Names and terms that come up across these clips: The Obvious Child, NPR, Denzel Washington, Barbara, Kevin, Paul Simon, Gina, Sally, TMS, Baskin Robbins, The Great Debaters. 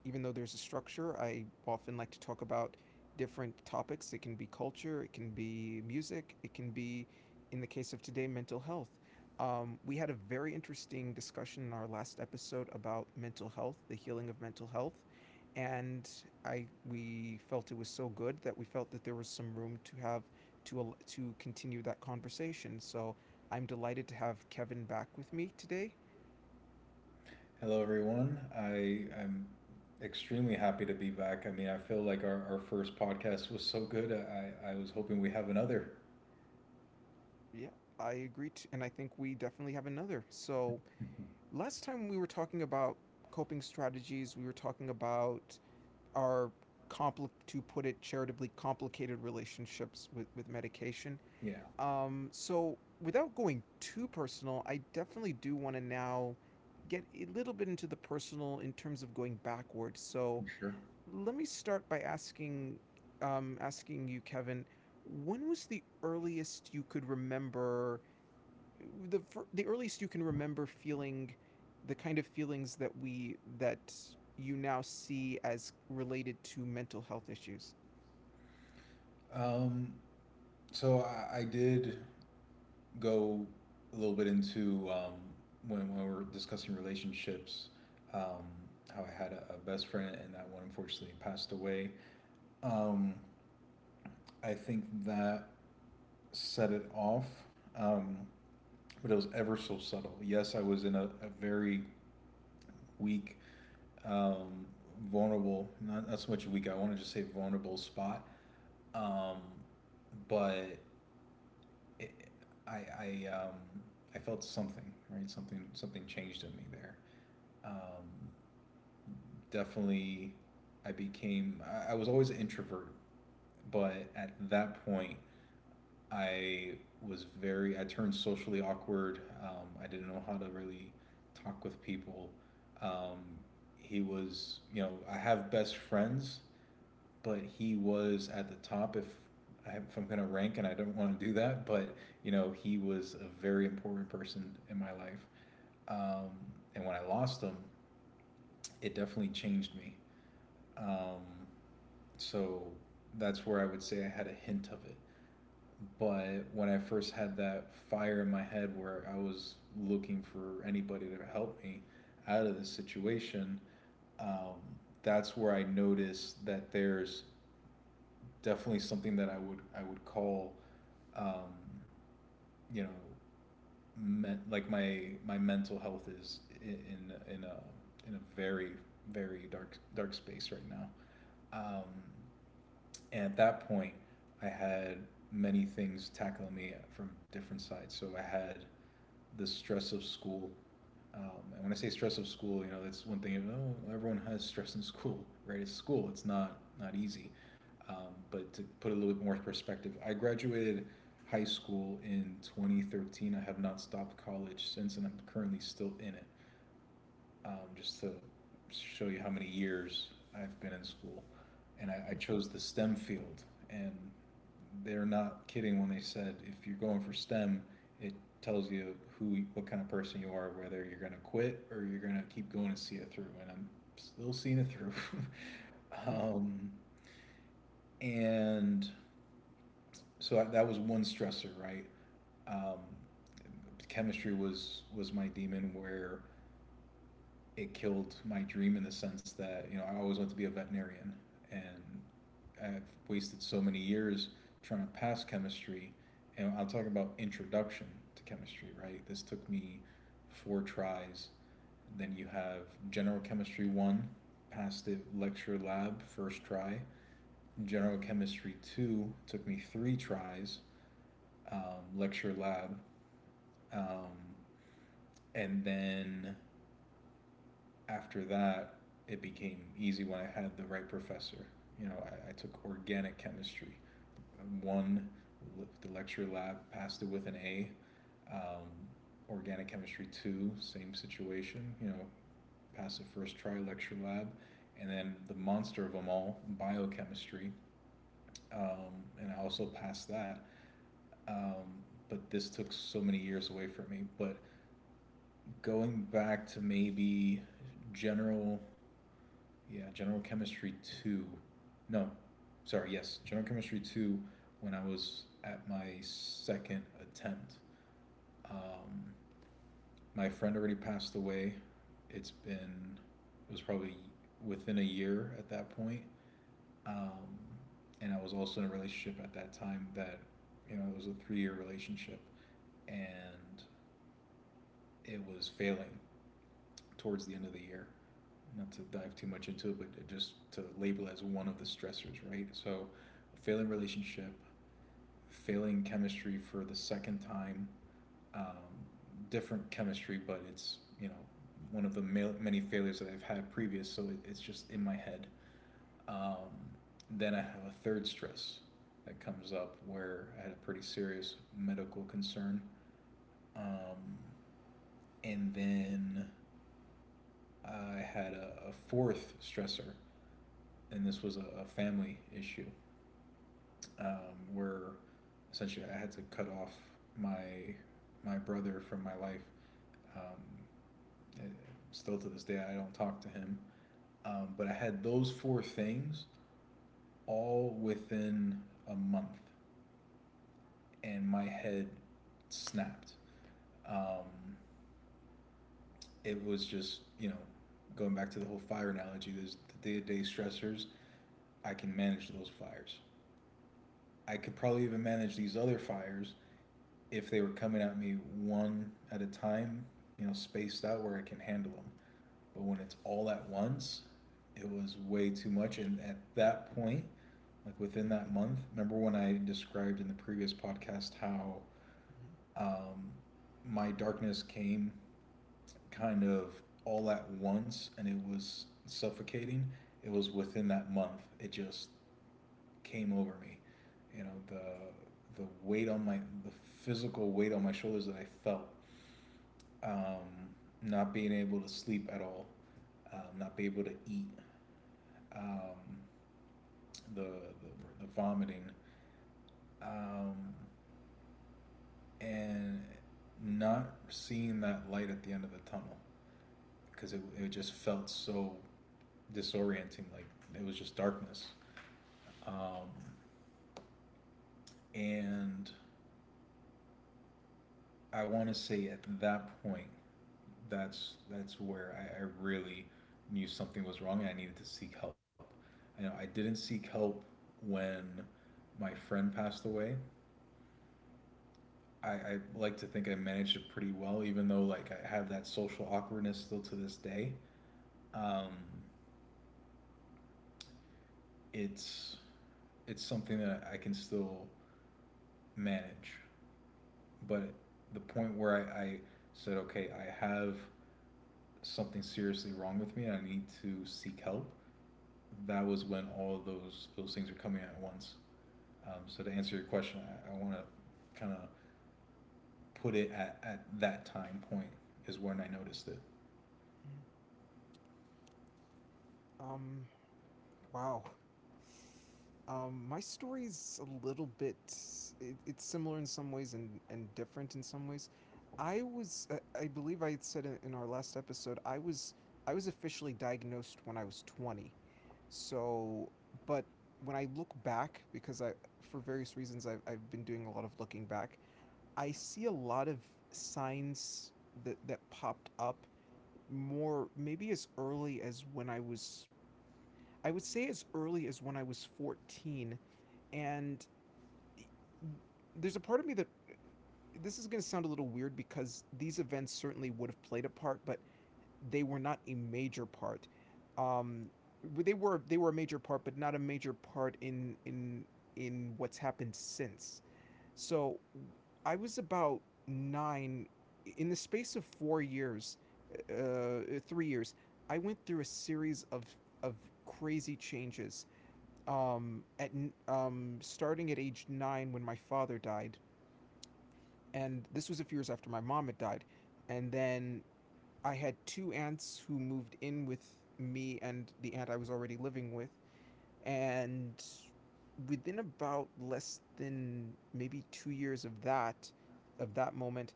even though there's a structure, I often like to talk about different topics. It can be culture, it can be music, it can be, in the case of today, mental health. We had a very interesting discussion in our last episode about mental health, the healing of mental health, and I we felt it was so good that we felt that there was some room to have to to continue that conversation. So I'm delighted to have Kevin back with me today. Hello, everyone. I'm extremely happy to be back. I mean, I feel like our first podcast was so good. I was hoping we have another. Yeah, I agree, to, and I think we definitely have another. So last time we were talking about coping strategies, we were talking about our to put it charitably complicated relationships with medication. Yeah, So without going too personal, I definitely do want to now get a little bit into the personal in terms of going backwards. So I'm sure. let me start by asking you, Kevin, when was the earliest you could remember the the earliest you can remember feeling the kind of feelings that we that you now see as related to mental health issues. Um, so I did go a little bit into when we were discussing relationships, um, how I had a best friend and that one unfortunately passed away. Um, I think that set it off, um, but it was ever so subtle. Yes, I was in a very weak, um, vulnerable, not so much weak, I want to just say vulnerable spot. Um, but it, I, I, um, I felt something, right? Something changed in me there. Um, definitely, I was always an introvert, but at that point, I I turned socially awkward. I didn't know how to really talk with people. Um, he was, you know, I have best friends, but he was at the top if I'm going to rank and I don't want to do that, but you know, he was a very important person in my life. Um, and when I lost him, it definitely changed me. Um, so that's where I would say I had a hint of it. But when I first had that fire in my head where I was looking for anybody to help me out of this situation, um, that's where I noticed that there's definitely something that I would call um, you know, like my mental health is in in a in a very very dark space right now. Um, and at that point, I had many things tackling me from different sides. So I had the stress of school. Um, and when I say stress of school, you know, that's one thing. Oh, everyone has stress in school, right? It's school. It's not easy. But to put a little bit more perspective, I graduated high school in 2013. I have not stopped college since, and I'm currently still in it just to show you how many years I've been in school. And I chose the STEM field. And they're not kidding when they said if you're going for STEM, it tells you who, what kind of person you are, whether you're going to quit or you're going to keep going and see it through. And I'm still seeing it through. um, and so that was one stressor, right? Um, chemistry was my demon where it killed my dream in the sense that you know I always wanted to be a veterinarian, and I've wasted so many years trying to pass chemistry, and I will talk about introduction to chemistry, right? This took me four tries. Then you have general chemistry one, passed it lecture lab first try. General chemistry two took me three tries, lecture lab, um, and then after that, it became easy when I had the right professor. You know, I took organic chemistry. One, the lecture lab passed it with an A. Um, organic chemistry two, same situation. You know, passed the first try lecture lab, and then the monster of them all, biochemistry. And I also passed that. Um, but this took so many years away from me. But going back to maybe general Yeah, General Chemistry 2. No, sorry, yes, General Chemistry 2 when I was at my second attempt. Um, my friend already passed away. It's been, it was probably within a year at that point. Um, and I was also in a relationship at that time that, you know, it was a 3 year relationship and it was failing towards the end of the year. Not to dive too much into it, but just to label as one of the stressors, right? So, a failing relationship, failing chemistry for the second time, um, different chemistry, but it's you know one of the many failures that I've had previous, so it's just in my head. Um, then I have a third stress that comes up where I had a pretty serious medical concern, um, and then I had a fourth stressor and this was a family issue where essentially I had to cut off my my brother from my life. Um, eh, Still to this day, I don't talk to him. But I had those four things all within a month, and my head snapped. Um, it was just you know going back to the whole fire analogy. There's the day to day stressors. I can manage those fires. I could probably even manage these other fires if they were coming at me one at a time, you know, spaced out where I can handle them. But when it's all at once, it was way too much. And at that point, like within that month, remember when I described in the previous podcast how um, my darkness came kind of all at once and it was suffocating? It was within that month. It just came over me. You know, the weight on my the physical weight on my shoulders that I felt um, not being able to sleep at all, not being able to eat, um, the, the the vomiting, um, and not seeing that light at the end of the tunnel because it just felt so disorienting, like it was just darkness. Um, and I want to say at that point, that's where I really knew something was wrong and I needed to seek help. You know, I didn't seek help when my friend passed away. I like to think I managed it pretty well, even though like I have that social awkwardness still to this day. Um, it's it's something that I can still manage. But the point where I said, okay, I have something seriously wrong with me and I need to seek help, that was when all of those things are coming at once. So to answer your question, I want to kind of put it at that time point is when I noticed it. um Wow. My story's a little bit. It's similar in some ways and different in some ways. I believe I had said in our last episode, I was officially diagnosed when I was 20. So, but when I look back, because I for various reasons I've been doing a lot of looking back, I see a lot of signs that popped up more maybe as early as when I was I would say as early as when I was 14. And e, there's a part of me that this is going to sound a little weird because these events certainly would have played a part, but they were not a major part. Um, they were a major part, but not a major part in what's happened since. So I was about nine. In the space of 3 years, I went through a series of crazy changes at starting at age nine when my father died, and this was a few years after my mom had died, and then I had two aunts who moved in with me and the aunt I was already living with, and within about less than maybe 2 years of that moment,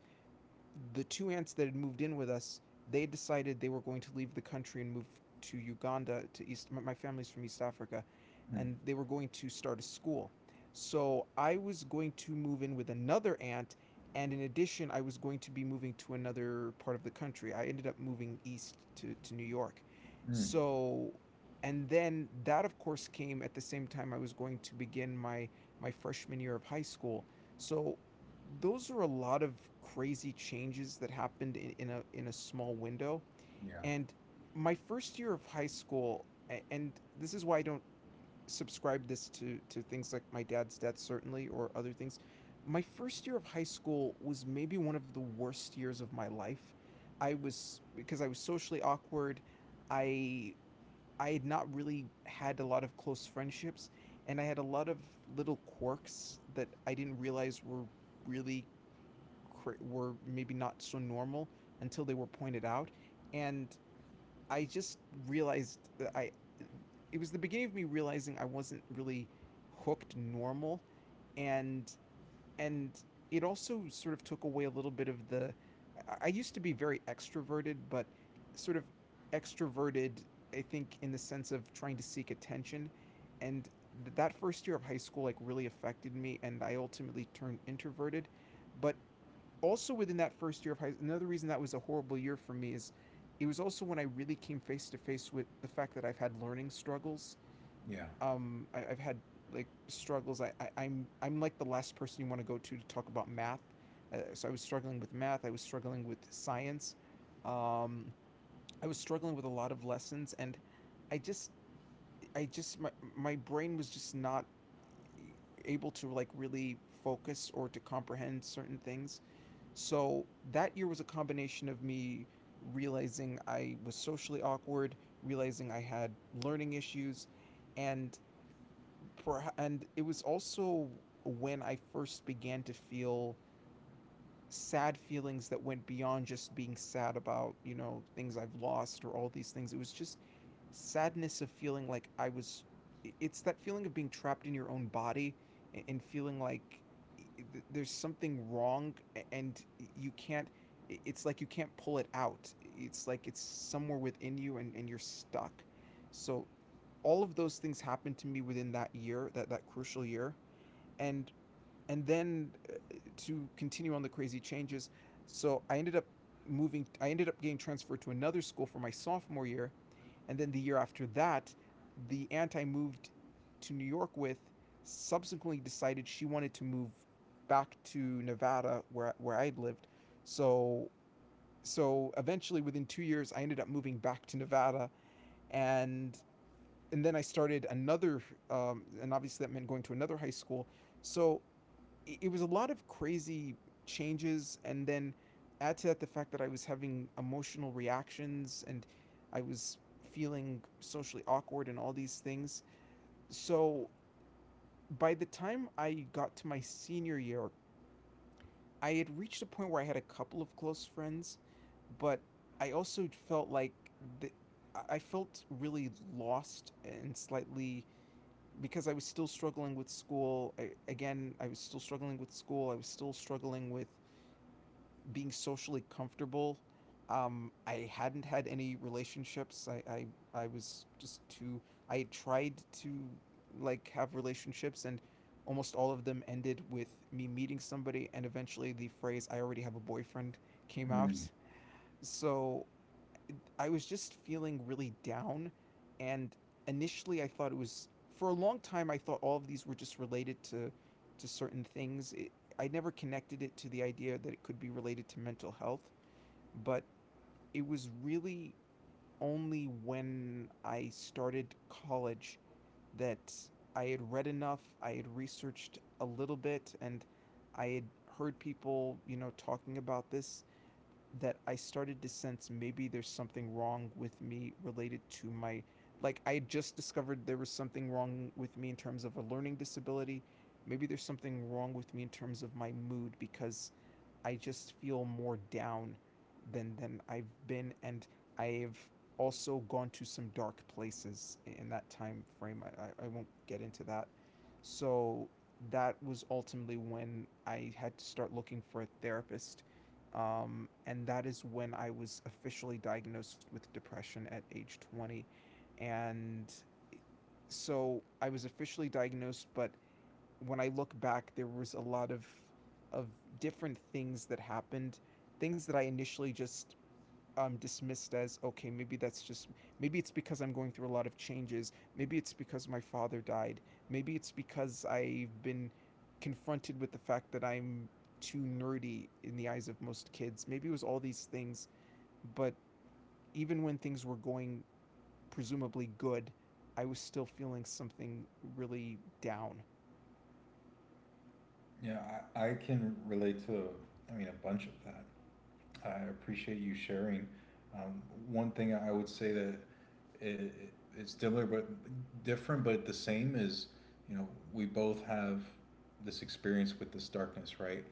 the two ants that had moved in with us, they decided they were going to leave the country and move to Uganda to East. Family's from East Africa, Mm. and they were going to start a school. So I was going to move in with another aunt, and in addition, I was going to be moving to another part of the country. I ended up moving east to New York. Mm. So, and then that, of course, came at the same time I was going to begin my freshman year of high school. So those are a lot of crazy changes that happened in a small window. Yeah. And my first year of high school, and this is why I don't subscribe this to things like my dad's death certainly or other things. My first year of high school was maybe one of the worst years of my life. I was because I was socially awkward. I I had not really had a lot of close friendships and I had a lot of little quirks that I didn't realize were really were maybe not so normal until they were pointed out, and I just realized that I it was the beginning of me realizing I wasn't really hooked normal, and and it also sort of took away a little bit of the used to be very extroverted, but sort of extroverted, I think, in the sense of trying to seek attention, and that first year of high school like really affected me and I ultimately turned introverted. But also within that first year of high school, another reason that was a horrible year for me is it was also when I really came face to face with the fact that I've had learning struggles. Yeah. I've had like struggles. I'm like the last person you want to go to talk about math. So I was struggling with math. I was struggling with science. Um, I was struggling with a lot of lessons, and I just I just my brain was just not eh, able to like really focus or to comprehend certain things. So that year was a combination of me realizing I was socially awkward, realizing I had learning issues, and and it was also when I first began to feel sad feelings that went beyond just being sad about, you know, things I've lost or all these things. It was just sadness of feeling like I was it's that feeling of being trapped in your own body and feeling like there's something wrong and you can't it's like you can't pull it out. It's like it's somewhere within you and, you're stuck. So all of those things happened to me within that year, that crucial year. And and then to continue on the crazy changes, so I ended up getting transferred to another school for my sophomore year, and then the year after that, the aunt I moved to New York with subsequently decided she wanted to move back to Nevada where I'd lived. So eventually within 2 years I ended up moving back to Nevada, and then I started another. And obviously that meant going to another high school. So was a lot of crazy changes, and then add to that the fact that I was having emotional reactions and I was feeling socially awkward and all these things. So by the time I got to my senior year, I had reached a point where I had a couple of close friends, but I also felt like the, I felt really lost and slightly, because I was still struggling with school. I, again, I was still struggling with school. I was still struggling with being socially comfortable. I hadn't had any relationships. I was just too. I tried to like have relationships, and almost all of them ended with me meeting somebody, and eventually the phrase "I already have a boyfriend" came Mm. out. So I was just feeling really down, and initially I thought it was for a long time I thought all of these were just related to certain things. I never connected it to the idea that it could be related to mental health, but it was really only when I started college that I had read enough, I had researched a little bit, and I had heard people, you know, talking about this, that I started to sense maybe there's something wrong with me related to my I had just discovered there was something wrong with me in terms of a learning disability. Maybe there's something wrong with me in terms of my mood, because I just feel more down than I've been, and I've also gone to some dark places in that time frame. Won't get into that. So that was ultimately when I had to start looking for a therapist. And that is when I was officially diagnosed with depression at age 20. And so I was officially diagnosed, but when I look back, there was a lot of of different things that happened, things that I initially just dismissed as okay, maybe that's just maybe it's because I'm going through a lot of changes, maybe it's because my father died, maybe it's because I've been confronted with the fact that I'm too nerdy in the eyes of most kids. Maybe it was all these things, but even when things were going presumably good, I was still feeling something really down. Yeah. I can relate to, I mean, a bunch of that. I appreciate you sharing. Um, one thing I would say that it it's similar but different, but the same is, you know, we both have this experience with this darkness, right?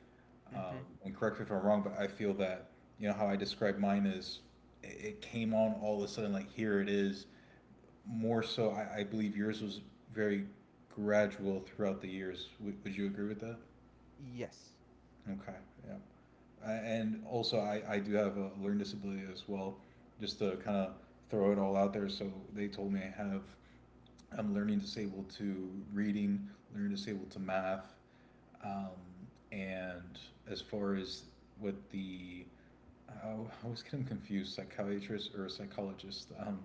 Um, Mm-hmm. and correct me if I'm wrong, but I feel that you know how I describe mine is it came on all of a sudden, like here it is. More so, I believe yours was very gradual throughout the years. Would you agree with that? Yes. Okay, yeah, and also I do have a learning disability as well just to kind of throw it all out there so they told me I have I'm learning disabled to reading learning disabled to math um, and as far as what the I always get them confused psychiatrist or a psychologist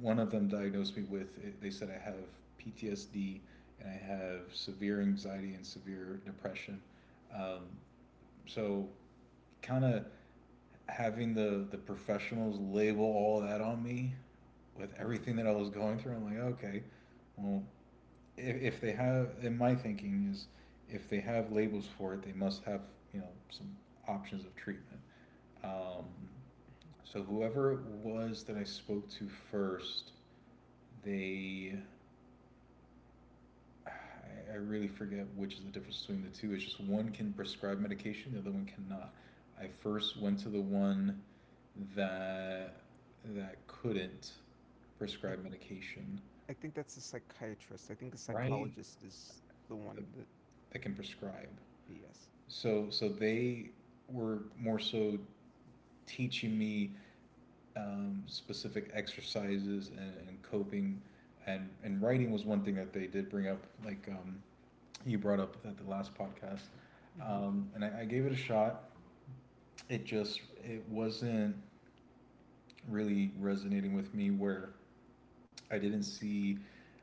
one of them diagnosed me with they said I have PTSD and I have severe anxiety and severe depression um, so kind of having the professionals label all that on me with Mm-hmm. everything that I was going through, I'm like, okay, well, if they have, in my thinking is, if they have labels for it, they must have you know some options of treatment. Um, so whoever it was that I spoke to first, they, I, I really forget which is the difference between the two. It's just one can prescribe medication, the other one cannot. I first went to the one that that couldn't I prescribe medication. I think that's a psychiatrist. I think a Right. psychologist is the that, one that that can prescribe. yes. So they were more so teaching me specific exercises and coping and writing was one thing that they did bring up like you brought up at the last podcast Mhm. And I gave it a shot it just it wasn't really resonating with me where I didn't see,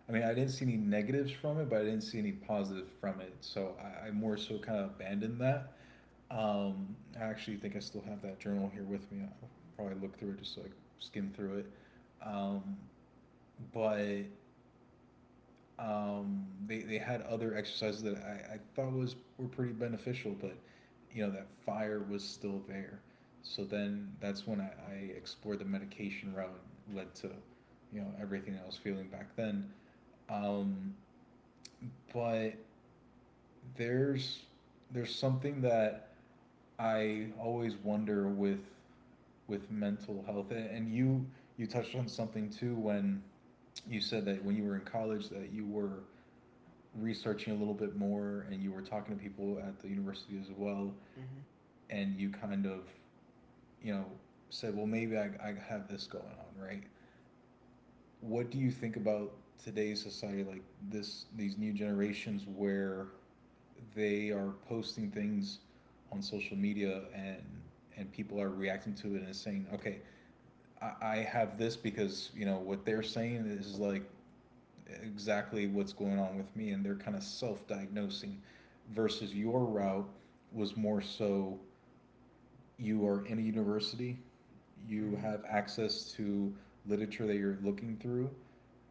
I mean, I didn't see any negatives from it, but I didn't see any positive from it. So I more so kind of abandoned that. I actually think I still have that journal here with me. I'll probably look through it just so I skim through it. Um, but they had other exercises that I thought was were pretty beneficial, but you know that fire was still there. So then that's when I explored the medication route, led to you know everything I was feeling back then. Um, but there's there's something that I always wonder with mental health, and you touched on something too when you said that when you were in college that you were researching a little bit more and you were talking to people at the university as well, Mhm. and you kind of you know said, well, maybe I have this going on, right? What do you think about today's society, like this these new generations where they are posting things on social media, and people are reacting to it and saying, okay, I have this because you know what they're saying is like exactly what's going on with me, and they're kind of self-diagnosing, versus your route was more so you are in a university, you Mhm. have access to literature that you're looking through,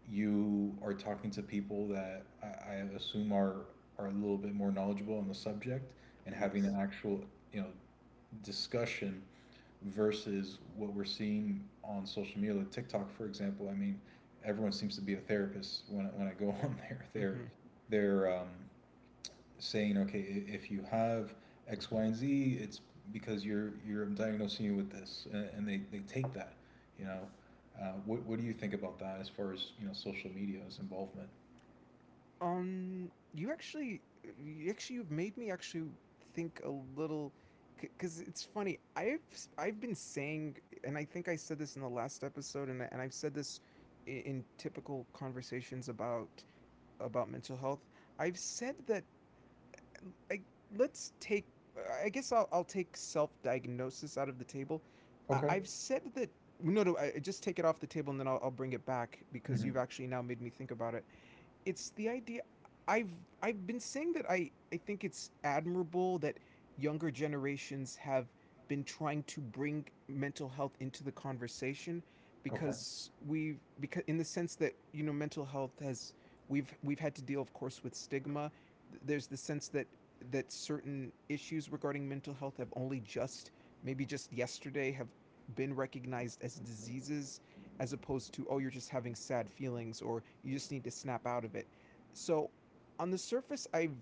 you are talking to people that I assume are a little bit more knowledgeable on the subject, and having an Yes. actual you know discussion versus what we're seeing on social media, like TikTok, for example. I mean, everyone seems to be a therapist when I go on there. Mhm. They're saying, okay, if you have X, Y, and Z, it's because you're diagnosing you with this, and they take that, you know. What do you think about that as far as social media's involvement? You actually you've made me actually think a little, because it's funny, I've been saying, and I think I said this in the last episode, and I've said this in typical conversations about mental health, I've said that I, let's take. I guess I'll take self diagnosis out of the table. I, Okay. I've said that. No, just take it off the table, and then I'll bring it back because you've Hmm. actually now made me think about it. It's the idea. I've I've been saying that I think it's admirable that younger generations have been trying to bring mental health into the conversation, Okay. because we've because in the sense that, you know, mental health has, we've had to deal, of course, with stigma. There's the sense that certain issues regarding mental health have only just, maybe just yesterday, have been recognized as diseases, as opposed to, oh, you're just having sad feelings or you just need to snap out of it. So on the surface, I've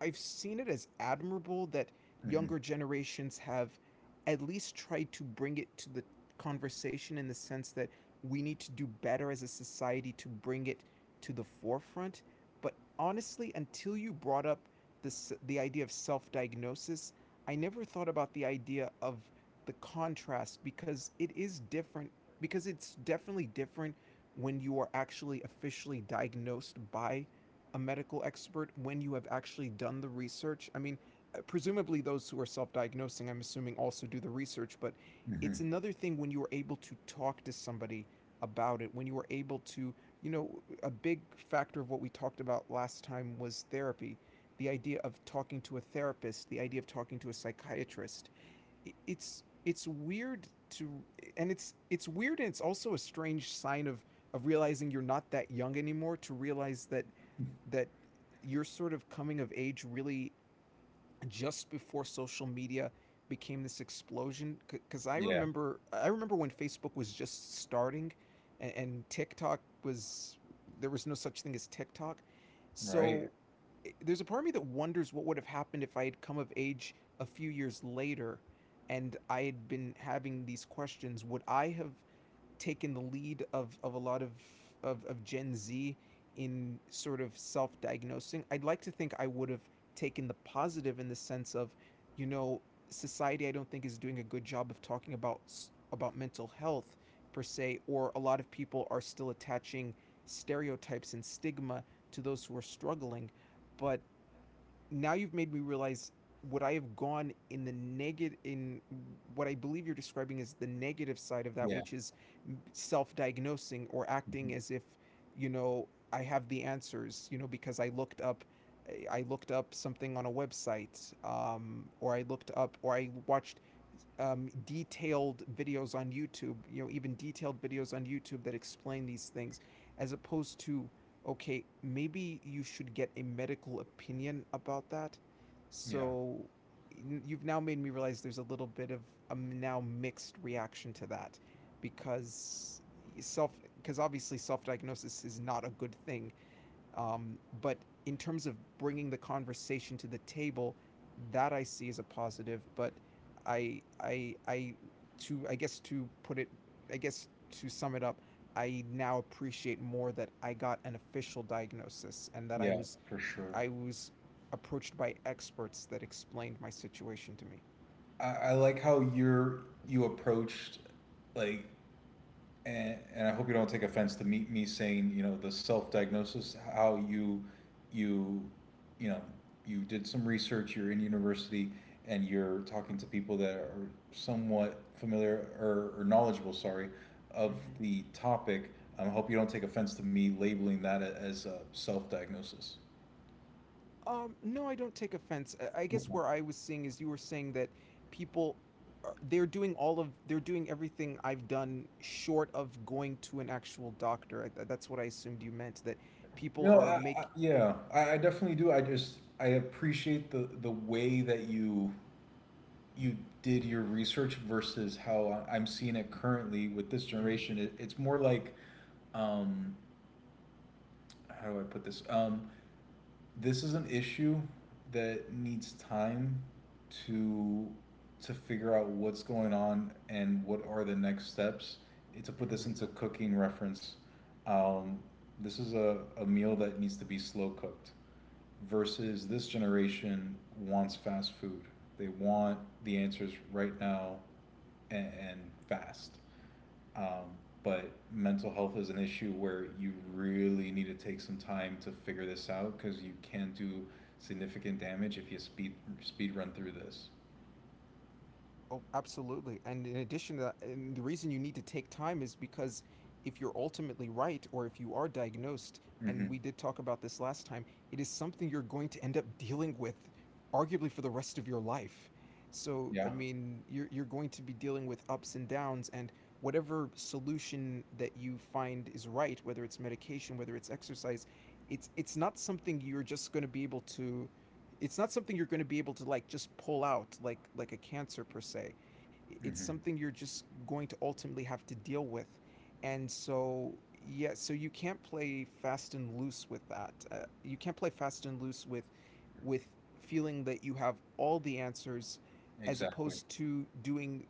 I've seen it as admirable that Hmm. younger generations have at least tried to bring it to the conversation, in the sense that we need to do better as a society to bring it to the forefront. But honestly, until you brought up this the idea of self-diagnosis, I never thought about the idea of the contrast, because it is different, because it's definitely different when you are actually officially diagnosed by a medical expert, when you have actually done the research. I mean, presumably those who are self diagnosing, I'm assuming, also do the research. But Hmm. it's another thing when you are able to talk to somebody about it, when you are able to, you know, a big factor of what we talked about last time was therapy. The idea of talking to a therapist, the idea of talking to a psychiatrist. It's weird to and it's weird, and it's also a strange sign of realizing you're not that young anymore, to realize that that your sort of coming of age really just before social media became this explosion, because i Yeah. remember i remember when Facebook was just starting, and TikTok was, there was no such thing as TikTok. Right. So there's a part of me that wonders what would have happened if I had come of age a few years later and I had been having these questions. Would I have taken the lead of a lot of Gen Z in sort of self-diagnosing. I'd like to think I would have taken the positive, in the sense of, you know, society I don't think is doing a good job of talking about mental health per se, or a lot of people are still attaching stereotypes and stigma to those who are struggling. But now you've made me realize, would I have gone in the negative, in what I believe you're describing is the negative side of that, Yeah. which is self-diagnosing, or acting Mhm. as if, you know, I have the answers. You know, because I looked up, I looked up something on a website, or I looked up, or I watched, detailed videos on YouTube. You know, even detailed videos on YouTube that explain these things, as opposed to, okay, maybe you should get a medical opinion about that. Yeah. So you've now made me realize there's a little bit of a now mixed reaction to that, because self because obviously self-diagnosis is not a good thing, but in terms of bringing the conversation to the table, that I see as a positive. But I, to I guess to put it, I guess to sum it up, I now appreciate more that I got an official diagnosis, and that I Yeah. was For sure. I was approached by experts that explained my situation to me. I like how you approached, like and I hope you don't take offense to me, saying, the self-diagnosis, how you, you know, you did some research, you're in university and you're talking to people that are somewhat familiar or, knowledgeable, sorry, of Mm-hmm. the topic. I hope you don't take offense to me labeling that as a self-diagnosis. No, I don't take offense. I guess Okay. where I was seeing is you were saying that people are, they're doing all of they're doing everything I've done short of going to an actual doctor. That's what I assumed you meant, that people No, are making. yeah, I definitely do. I appreciate the way that you did your research versus how I'm seeing it currently with this generation. It's more like, um, how do I put this? This is an issue that needs time to figure out what's going on and what are the next steps. To put Hmm. this into cooking reference, um, this is a meal that needs to be slow cooked versus this generation wants fast food. They want the answers right now, and fast. Um, but mental health is an issue where you really need to take some time to figure this out because you can do significant damage if you speed run through this. Oh, absolutely. And in addition to that, and the reason you need to take time is because if you're ultimately right, or if you are diagnosed, Hmm. and we did talk about this last time, it is something you're going to end up dealing with arguably for the rest of your life. So, I Yeah. mean, you're going to be dealing with ups and downs, and whatever solution that you find is right, whether it's medication, whether it's exercise, it's not something you're just going to be able to it's not something you're going to be able to, like, just pull out, like a cancer per se. It's Hmm. something you're just going to ultimately have to deal with. And so, yeah, so you can't play fast and loose with that. You can't play fast and loose with with feeling that you have all the answers, as Exactly. opposed to doing,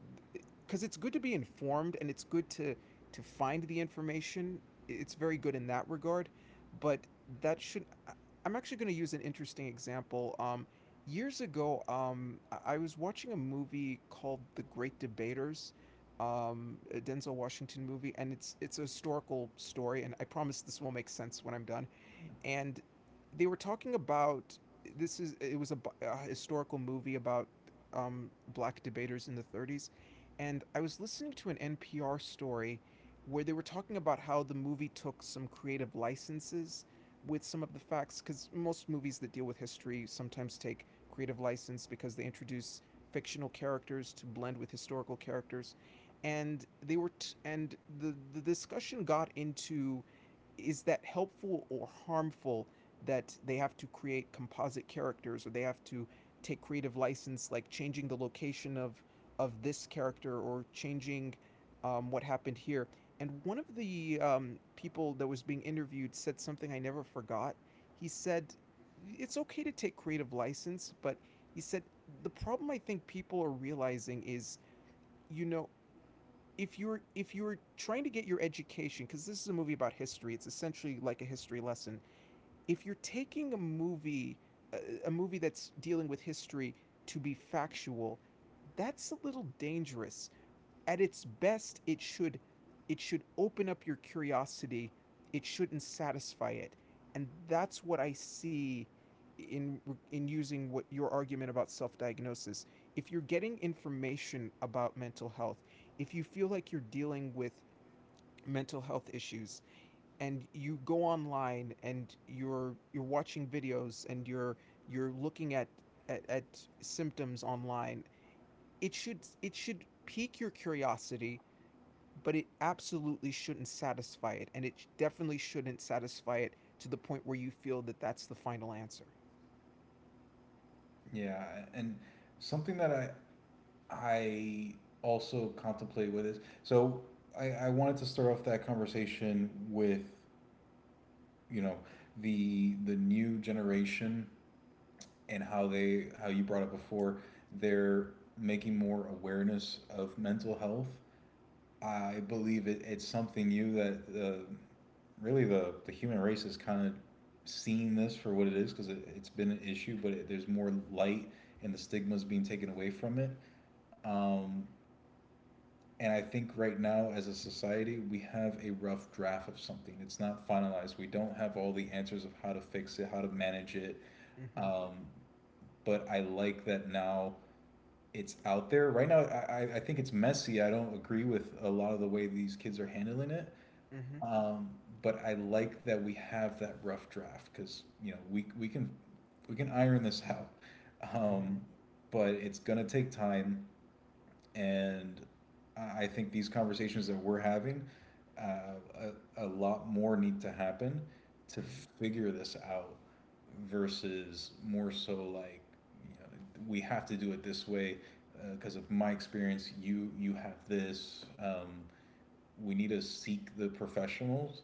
because it's good to be informed, and it's good to find the information. It's very good in that regard. But that should, I'm actually going to use an interesting example. Years ago, I was watching a movie called The Great Debaters, a Denzel Washington movie, and it's a historical story. And I promise this will make sense when I'm done. And they were talking about, this is, it was a historical movie about black debaters in the 30s. And I was listening to an NPR story where they were talking about how the movie took some creative licenses with some of the facts, because most movies that deal with history sometimes take creative license, because they introduce fictional characters to blend with historical characters. And the discussion got into, is that helpful or harmful that they have to create composite characters, or they have to take creative license, like changing the location of this character, or changing what happened here. And one of the people that was being interviewed said something I never forgot. He said, it's okay to take creative license, but, he said, the problem, I think, people are realizing is, you know, if you're trying to get your education, because this is a movie about history, it's essentially like a history lesson. If you're taking a movie, a, a movie that's dealing with history to be factual, that's a little dangerous. At its best, it should open up your curiosity, it shouldn't satisfy it. And that's what I see in using what your argument about self-diagnosis. If you're getting information about mental health, if you feel like you're dealing with mental health issues, and you go online, and you're watching videos, and you're looking at at, at symptoms online, it should pique your curiosity, but it absolutely shouldn't satisfy it. And it definitely shouldn't satisfy it to the point where you feel that that's the final answer. Yeah, and something that I also contemplate with is, so I wanted to start off that conversation with you know the new generation, and how you brought it before, they're making more awareness of mental health. I believe it's something new that the really the human race is kind of seeing this for what it is because it's been an issue, but there's more light, and the stigma is being taken away from it. um, and I think right now, as a society, we have a rough draft of something. It's not finalized. We don't have all the answers of how to fix it, how to manage it. Mm-hmm. um, but I like that now it's out there right now. Think it's messy. I don't agree with a lot of the way these kids are handling it. Mm-hmm. Um, but I like that we have that rough draft because you know we can iron this out. Mm-hmm. Um, but it's gonna take time, and I think these conversations that we're having, uh, a lot more need to happen to Mm-hmm. figure this out versus more so, like, you know, we have to do it this way because, of my experience, you have this. We need to seek the professionals,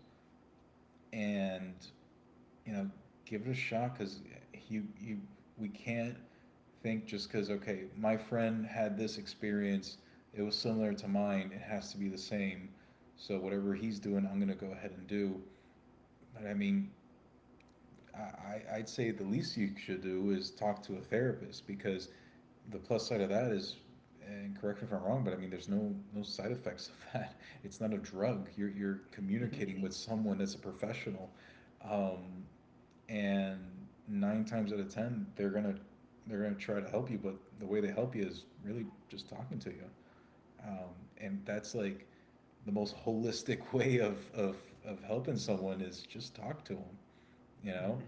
and, you know, give it a shot because you we can't think, just because, okay, my friend had this experience, it was similar to mine, it has to be the same. So whatever he's doing, I'm gonna go ahead and do. But I mean, I'd say the least you should do is talk to a therapist because the plus side of that is, and correct me if I'm wrong, but I mean, there's no side effects of that. It's not a drug. You're communicating with someone that's a professional, um, and nine times out of ten, they're gonna try to help you. But the way they help you is really just talking to you, um, and that's like the most holistic way of helping someone, is just talk to them, you know. Mm-hmm.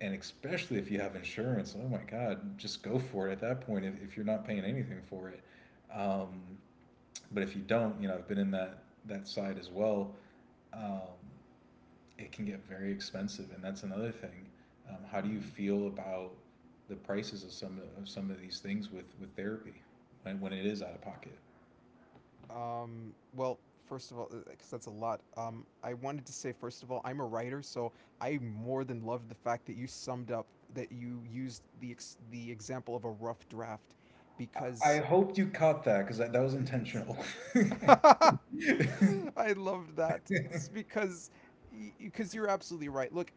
And especially if you have insurance, oh my God, just go for it at that point, if you're not paying anything for it. Um, but if you don't, you know, I've been in that side as well. Um, it can get very expensive, and that's another thing. How do you Mm-hmm. feel about the prices of some of these things with therapy, when it is out of pocket? Well, first of all, because that's a lot. I wanted to say, first of all, I'm a writer, so I more than loved the fact that you summed up that you used the the example of a rough draft, because Hoped you caught that because that was yes, intentional. I loved that, because you're absolutely right. Look,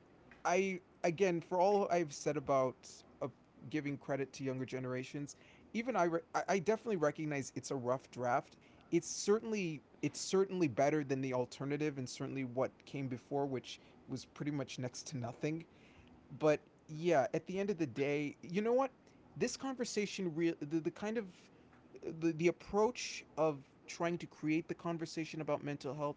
I, again, for all I've said about uh, giving credit to younger generations, even I re- I definitely recognize it's a rough draft. It's certainly, it's certainly better than the alternative, and certainly what came before, which was pretty much next to nothing. But, yeah, at the end of the day, you know what? This conversation, real the kind of the approach of trying to create the conversation about mental health,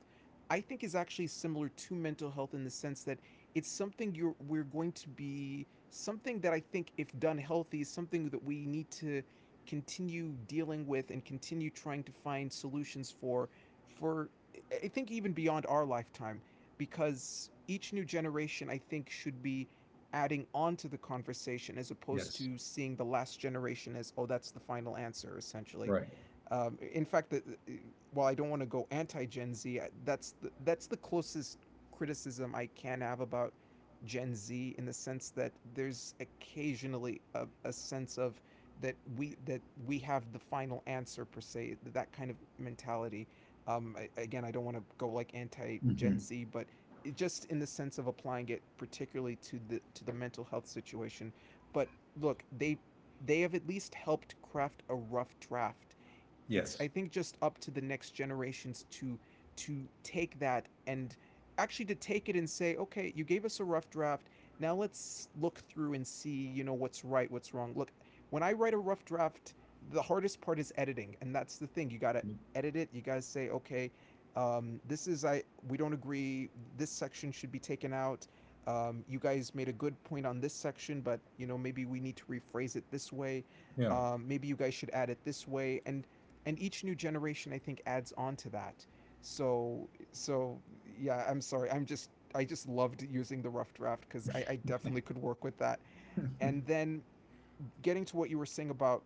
I think is actually similar to mental health, in the sense that it's something you're we're going to be, something that I think, if done healthy, is something that we need to continue dealing with and continue trying to find solutions for, for I think, even beyond our lifetime, because each new generation, I think, should be adding on to the conversation, as opposed Yes. to seeing the last generation as, oh, that's the final answer, essentially. Right. In fact, while I don't want to go anti Gen Z, that's that's the closest criticism I can have about Gen Z, in the sense that there's occasionally a sense of that we have the final answer per se, that kind of mentality. Again, I don't want to go, like, anti Mm-hmm. Gen Z, but just in the sense of applying it particularly to the mental health situation. But look, they have at least helped craft a rough draft. It's, Yes. I think, just up to the next generations to take that, and actually to take it and say, okay, you gave us a rough draft. Now let's look through and see, you know, what's right, what's wrong. Look, when I write a rough draft, the hardest part is editing, and that's the thing. You gotta edit it. You gotta say, okay, this is, I, we don't agree. This section should be taken out. You guys made a good point on this section, but, you know, maybe we need to rephrase it this way. Yeah. Maybe you guys should add it this way, and each new generation I think adds on to that. So yeah, I'm sorry. I just loved using the rough draft because I definitely could work with that. And then getting to what you were saying about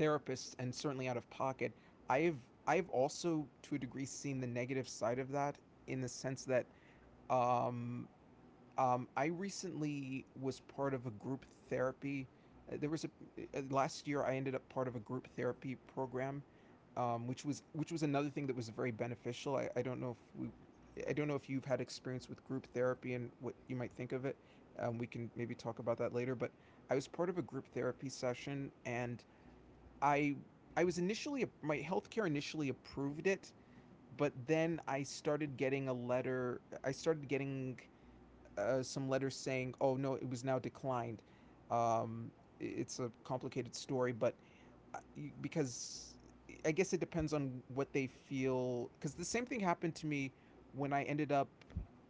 therapists and certainly out of pocket, I've I've also to a degree seen the negative side of that in the sense that um, I recently was part of a group therapy. There was a last year I ended up part of a group therapy program, which was another thing that was very beneficial. I don't know if you've had experience with group therapy and what you might think of it. We can maybe talk about that later. But I was part of a group therapy session, and I I was initially my healthcare initially approved it, but then I started getting a letter. I started getting some letters saying, "Oh no, it was now declined." Um, it's a complicated story, but uh, because I guess it depends on what they feel. Because the same thing happened to me when I ended up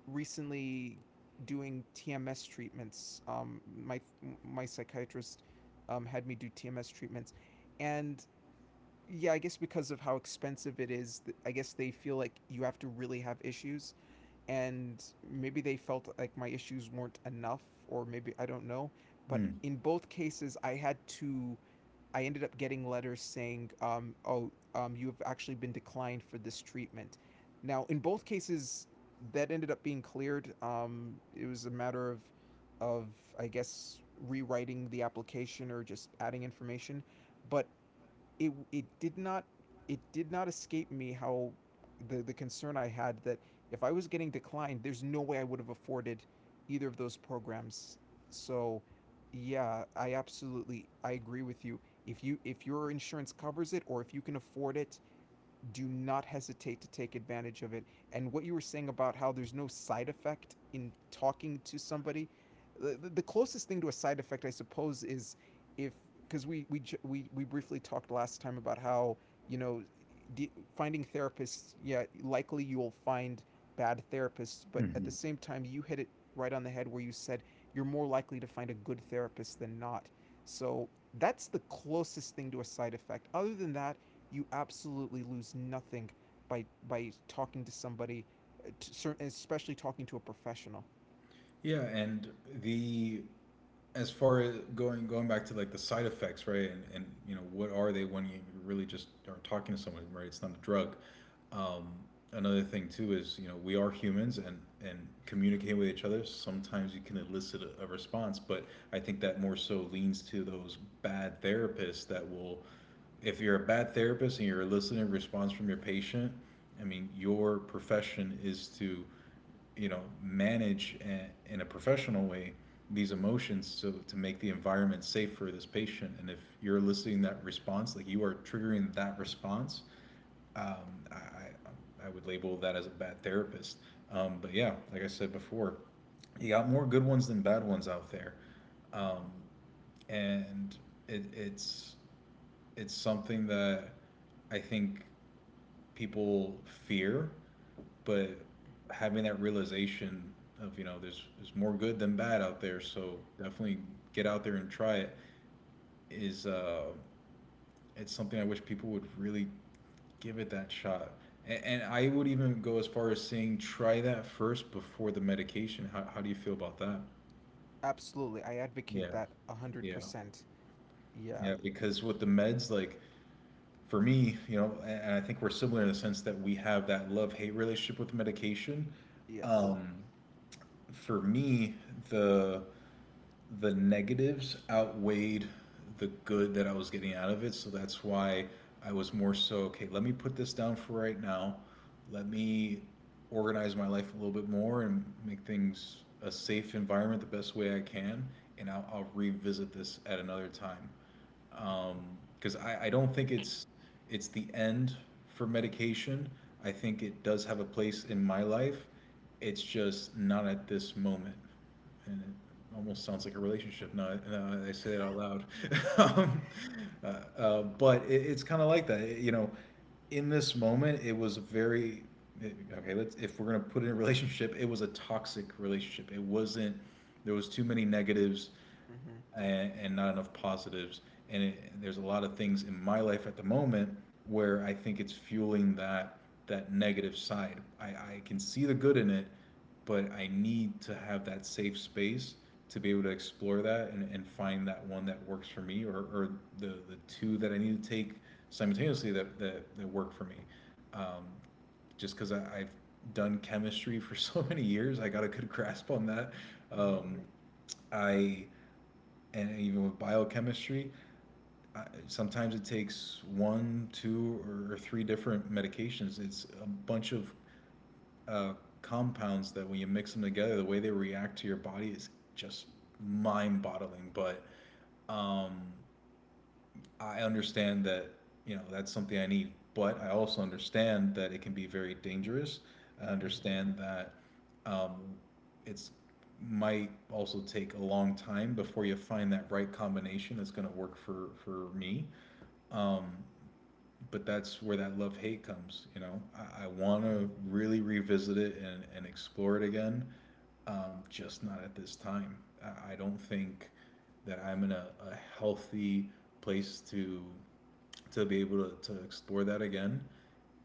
recently doing TMS treatments. My psychiatrist had me do TMS treatments, and yeah, I guess because of how expensive it is, I guess they feel like you have to really have issues and maybe they felt like my issues weren't enough or maybe I don't know, but Mm. in both cases I had to, I ended up getting letters saying, you've actually been declined for this treatment. Now in both cases that ended up being cleared. It was a matter of I guess rewriting the application or just adding information. But it did not, it did not escape me how the concern I had that if I was getting declined, there's no way I would have afforded either of those programs. So yeah, I absolutely, I agree with you. If your insurance covers it or if you can afford it, do not hesitate to take advantage of it. And what you were saying about how there's no side effect in talking to somebody, the closest thing to a side effect, I suppose, is if, because we briefly talked last time about how you know finding therapists, yeah, likely you'll find bad therapists, but at Mhm. the same time, you hit it right on the head where you said you're more likely to find a good therapist than not. So that's the closest thing to a side effect. Other than that, you absolutely lose nothing by talking to somebody, to especially talking to a professional. Yeah, and the as far as going, back to, like, the side effects, right? And you know what are they when you really just are talking to someone, right? It's not a drug. Um, Another thing too is, you know, we are humans and and communicate with each other. Sometimes you can elicit a response, but I think that more so leans to those bad therapists that will, if you're a bad therapist and you're eliciting a response from your patient. I mean, your profession is to, you know, manage in a professional way these emotions, so to make the environment safe for this patient, and if you're eliciting that response, like, you are triggering that response. um, I- I would label that as a bad therapist. But yeah, like I said before, you got more good ones than bad ones out there. um, Mm-hmm. and it, it's it's something that I think people fear, but having that realization of, you know, there's more good than bad out there. So definitely get out there and try it. Is it's something I wish people would really give it that shot. And I would even go as far as saying, try that first before the medication. How do you feel about that? Absolutely, I advocate Yeah. that a hundred Yeah. percent. Yeah. Yeah, because with the meds, like, for me, you know, and I think we're similar in the sense that we have that love hate relationship with medication. Yes. um for me, the the negatives outweighed the good that I was getting out of it. So that's why I was more so, okay, let me put this down for right now. Let me organize my life a little bit more and make things a safe environment the best way I can, and I'll revisit this at another time. Um, Because I don't think it's the end for medication. I think it does have a place in my life. It's just not at this moment, and it almost Mm-hmm. sounds like a relationship now, now I say it out loud. um, uh, but it's kind of like that. You know. In this moment, it was a very okay. Let's If we're gonna put it in a relationship, it was a toxic relationship. It wasn't. There was too many negatives, Mm-hmm. and not enough positives. There's a lot of things in my life at the moment where I think it's fueling that negative side. I can see the good in it, but I need to have that safe space to be able to explore that, and find that one that works for me, or, the two that I need to take simultaneously that work for me. Um, just because I've done chemistry for so many years, I got a good grasp on that. Mm-hmm. Um, I And even with biochemistry, sometimes it takes one, two, or three different medications. It's a bunch of uh, compounds that, when you mix them together, the way they react to your body is just mind boggling. But um, I understand that, you know, that's something I need, but I also understand that it can be very dangerous. I Mm-hmm. understand that um, it's might also take a long time before you find that right combination that's going to work for me. Um, but that's where that love hate comes. You know, I want to really revisit it, and explore it again, just not at this time. I don't think that I'm in a healthy place to be able to, explore that again.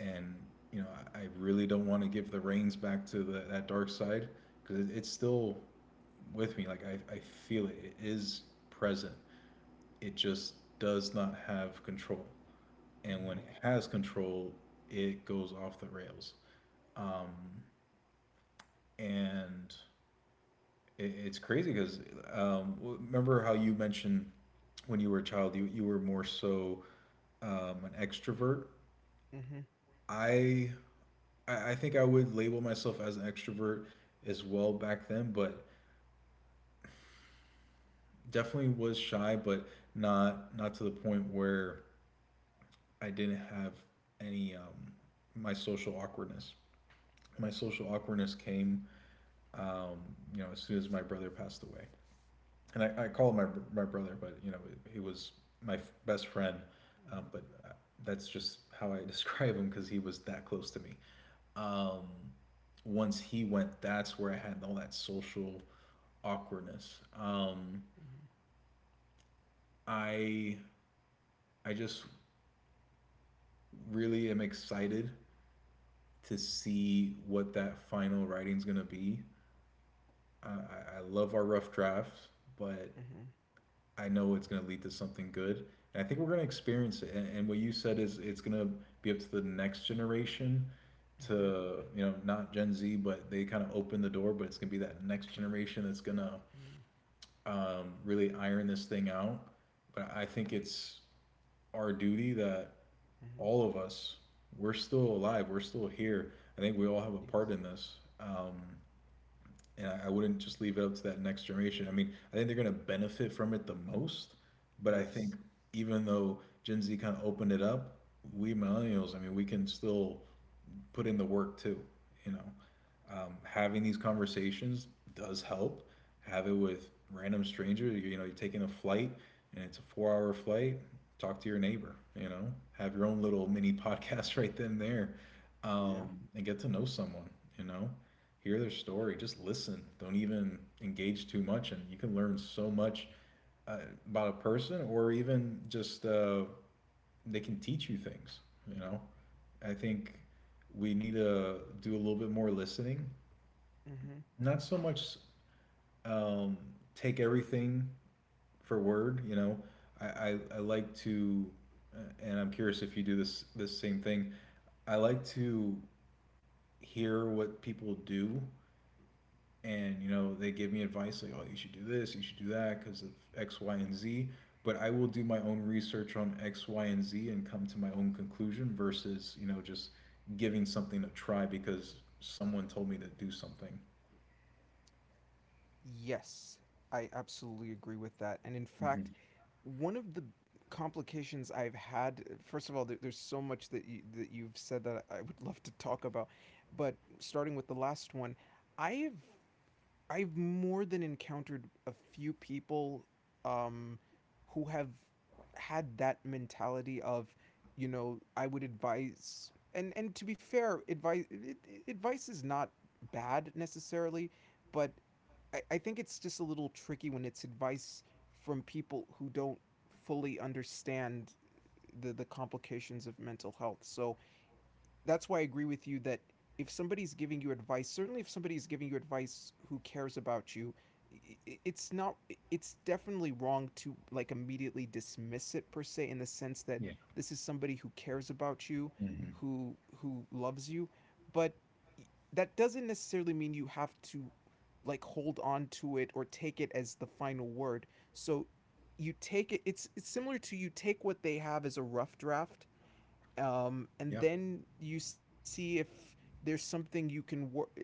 And you know, I really don't want to give the reins back to that dark side because it's still with me. Like, I feel it. It is present. It just does not have control, and when Mm-hmm. it has control, it goes off the rails. Um, and it's crazy because um, remember how you mentioned when you were a child, you were more so an extrovert. Mm-hmm. Mm-hmm. Mm-hmm. Mm-hmm. I I think I would label myself as an extrovert as well back then, but definitely was shy, but not to the point where I didn't have any my social awkwardness. My social awkwardness came um, you know, as soon as my brother passed away. And I called my brother, but, you know, he was my best friend. But that's just how I describe him because he was that close to me. Um, once he went, that's where I had all that social awkwardness. I, I just really am excited to see what that final writing's going to be. I love our rough draft, but Mm-hmm. I know it's going to lead to something good. And I think we're going to experience it. And what you said is it's going to be up to the next generation Mm-hmm. to, you know, not Gen Z, but they kind of open the door, but it's going to be that next generation that's going to Mm-hmm. Really iron this thing out. But I think it's our duty that Mm-hmm. all of us, we're still alive, we're still here. I think we all have a Yes. part in this. And I wouldn't just leave it up to that next generation. I mean, I think they're going to benefit from it the most, but I think Yes. even though Gen Z kind of opened it up, we millennials, I mean, we can still put in the work too. You know, having these conversations does help. Have it with random strangers. You know, you're taking a flight and it's a four-hour flight. Talk to your neighbor. You know, have your own little mini podcast right then and there, Yeah. And get to know someone. You know, hear their story. Just listen. Don't even engage too much, and you can learn so much uh, about a person or even just. They can teach you things. You know, I think we need to do a little bit more listening. Mm-hmm. Not so much um, take everything for word. You know, I like to, and I'm curious if you do this same thing. I like to hear what people do, and you know they give me advice like, oh, you should do this, you should do that because of x y and z, but I will do my own research on x y and z and come to my own conclusion versus, you know, just giving something a try because someone told me to do something. Yes, I absolutely agree with that. And in Mm-hmm. fact, one of the complications I've had, first of all, there's so much that you've said that I would love to talk about, but starting with the last one, I've I've more than encountered a few people um, who have had that mentality of, you know, I would advise, and to be fair, advice is not bad necessarily, but I think it's just a little tricky when it's advice from people who don't fully understand the complications of mental health. So that's why I agree with you that if somebody's giving you advice, certainly if somebody's giving you advice who cares about you, it's not, it's definitely wrong to like immediately dismiss it per se in the sense that this is somebody who cares about you, Mm-hmm. who loves you, but that doesn't necessarily mean you have to like hold on to it or take it as the final word. So you take it, it's similar to, you take what they have as a rough draft, and yeah then you see if there's something you can work.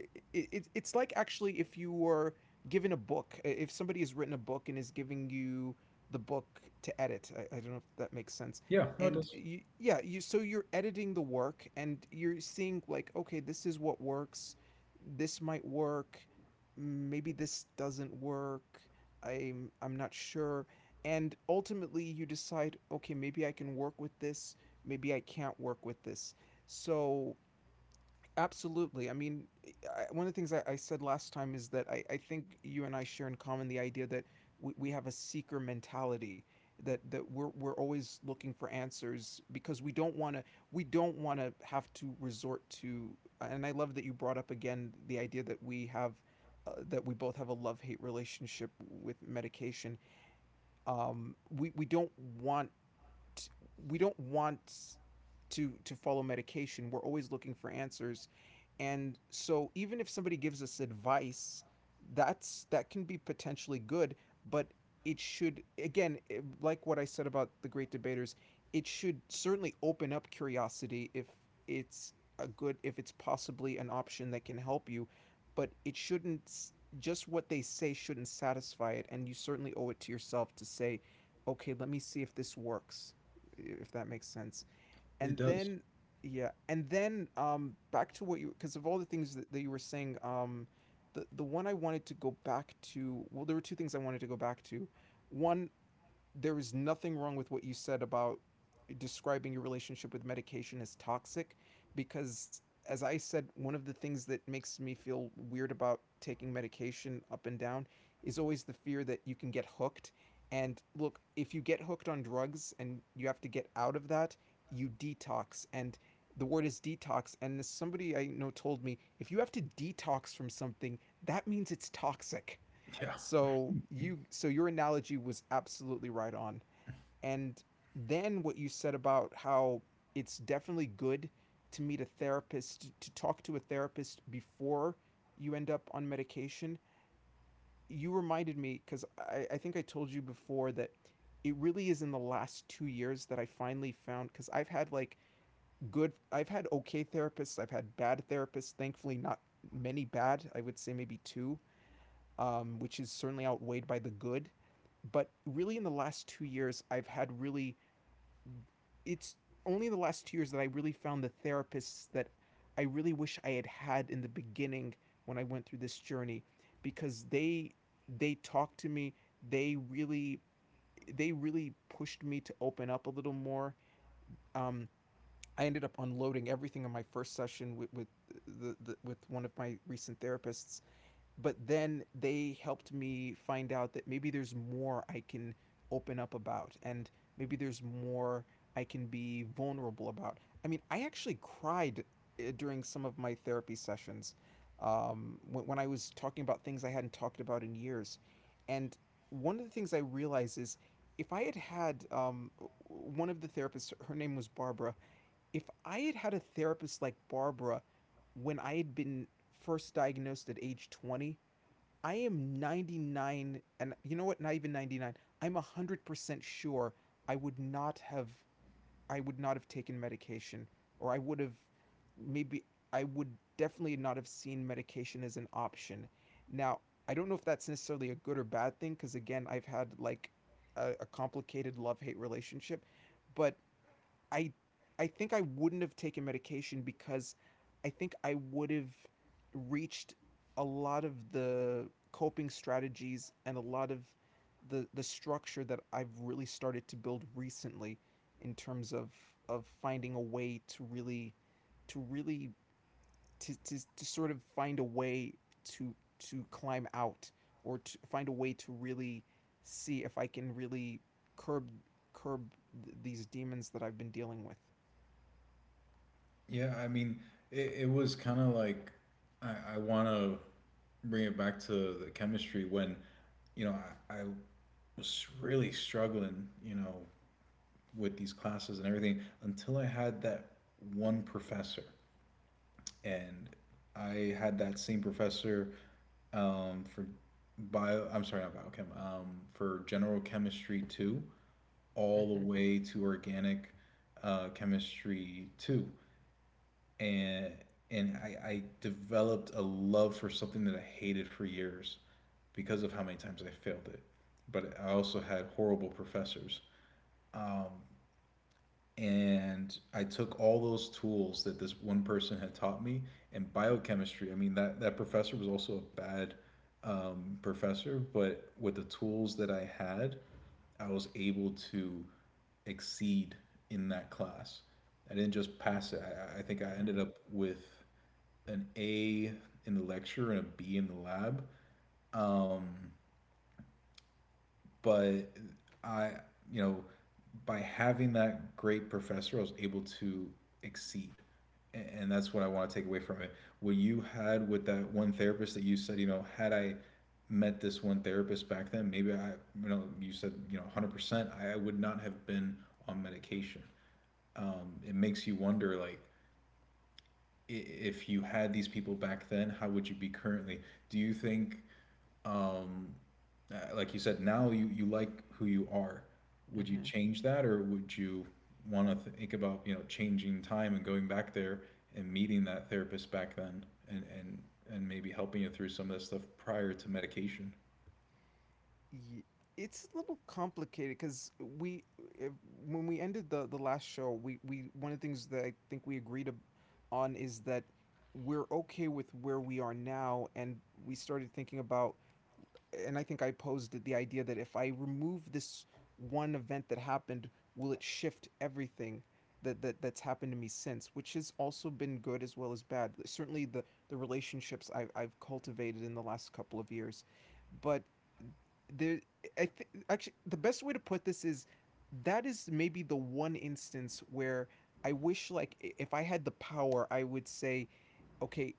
It's like actually if you were given a book, if somebody has written a book and is giving you the book to edit. I don't know if that makes sense. yeah, no it And does, you, yeah, you so you're editing the work and you're seeing like, okay, this is what works. This might work. Maybe this doesn't work. I'm not sure. And ultimately, you decide, okay, maybe I can work with this, maybe I can't work with this. So, absolutely. I mean, one of the things I said last time is that I think you and I share in common the idea that we have a seeker mentality that that we're always looking for answers because we don't want to, we don't want to have to resort to, and I love that you brought up again the idea that we have that we both have a love hate relationship with medication. We don't want, we don't want to follow medication. We're always looking for answers. And so even if somebody gives us advice, that's, that can be potentially good, but it should again, like what I said about the great debaters, it should certainly open up curiosity if it's a good, if it's possibly an option that can help you, but it shouldn't, just what they say shouldn't satisfy it, and you certainly owe it to yourself to say, okay, let me see if this works, if that makes sense. it And does. then yeah, and then back to what you, because of all the things that, that you were saying, the one I wanted to go back to, well there were two things I wanted to go back to. One, there is nothing wrong with what you said about describing your relationship with medication as toxic, because as I said, one of the things that makes me feel weird about taking medication up and down is always the fear that you can get hooked. And look, if you get hooked on drugs and you have to get out of that, you detox. And the word is detox. And somebody I know told me, if you have to detox from something, that means it's toxic. yeah So you, so your analogy was absolutely right on. And then what you said about how it's definitely good to meet a therapist, to talk to a therapist before you end up on medication, you reminded me because I think I told you before that it really is in the last 2 years that I finally found, because I've had like good, I've had okay therapists, I've had bad therapists, thankfully not many bad, I would say maybe two, which is certainly outweighed by the good. But really, in the last 2 years, I've had really, it's only in the last 2 years that I really found the therapists that I really wish I had had in the beginning when I went through this journey because they talked to me, they really they really pushed me to open up a little more. um, I ended up unloading everything in my first session with the with one of my recent therapists, but then they helped me find out that maybe there's more I can open up about, and maybe there's more I can be vulnerable about. I mean, I actually cried during some of my therapy sessions when I was talking about things I hadn't talked about in years. And one of the things I realized is if I had had one of the therapists, her name was Barbara, if I had had a therapist like Barbara when I had been first diagnosed at age 20, I am 99, and you know what, not even 99, I'm 100% sure I would not have, I would not have taken medication, or I would have maybe, I would definitely not have seen medication as an option. Now I don't know if that's necessarily a good or bad thing, cuz again I've had like a complicated love-hate relationship, but I I think I wouldn't have taken medication because I think I would have reached a lot of the coping strategies and a lot of the structure that I've really started to build recently in terms of finding a way to really, to really, to sort of find a way to climb out, or to find a way to really see if I can really curb, curb, these demons that I've been dealing with. yeah I mean, it was kind of like I want to bring it back to the chemistry when, you know, I was really struggling, you know, with these classes and everything until I had that one professor. And I had that same professor for bio, I'm sorry, not biochem, for general chemistry two, all Mm-hmm. the way to organic chemistry two. And and I developed a love for something that I hated for years because of how many times I failed it. But I also had horrible professors. Um, and I took all those tools that this one person had taught me and biochemistry. I mean, that professor was also a bad professor, but with the tools that I had, I was able to exceed in that class. I didn't just pass it. I think I Mm-hmm. ended up with an A in the lecture and a B in the lab. Um, but I, you know, by having that great professor, I was able to exceed. And that's what I want to take away from it. What you had with that one therapist, that you said, you know, had I met this one therapist back then, maybe I, you know, you said, you know, 100%, I would not have been on medication. It makes you wonder, like, if you had these people back then, how would you be currently? Do you think um, like you said, now you like who you are. Would you Mm-hmm. change that, or would you want to think about, you know, changing time and going back there and meeting that therapist back then, and and maybe helping you through some of that stuff prior to medication? Ye- it's a little complicated because we if, when we ended the last show we one of the things that I think we on is that we're okay with where we are now, and we started thinking about, and I think I posed the idea that if I remove this one event that happened, will it shift everything that's happened to me since? Which has also been good as well as bad. Certainly the relationships I've cultivated in the last couple of years, but there I think actually the best way to put this is that is maybe the one instance where I wish, like, if I had the power, I would say, okay,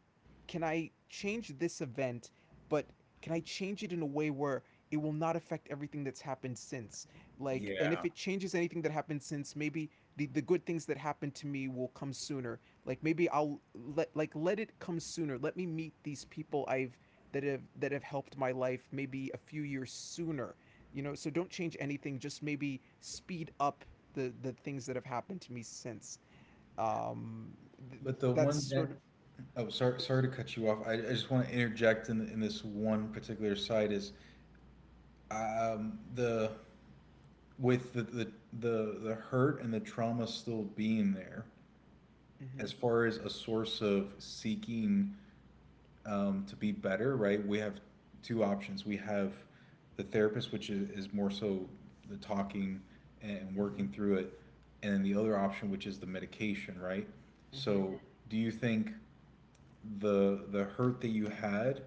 can I change this event, but can I change it in a way where it will not affect everything that's happened since? Like, and if Yeah, it changes anything that happened since, maybe the good things that happened to me will come sooner. Like, maybe I'll let it come sooner. Let me meet these people I've that have helped my life maybe a few years sooner. So don't change anything, just maybe speed up the things that have happened to me since. um th- but the that's one sort that of. oh, sorry, sorry to cut you off. I just want to interject in this one particular side is the with the hurt and the trauma still being there, as Mhm. far as a source of seeking to be better, right, we have two options. We have the therapist, which is more so the talking and Mhm. working through it, and then the other option, which is the medication, right? Mhm. So, do you think the hurt that you had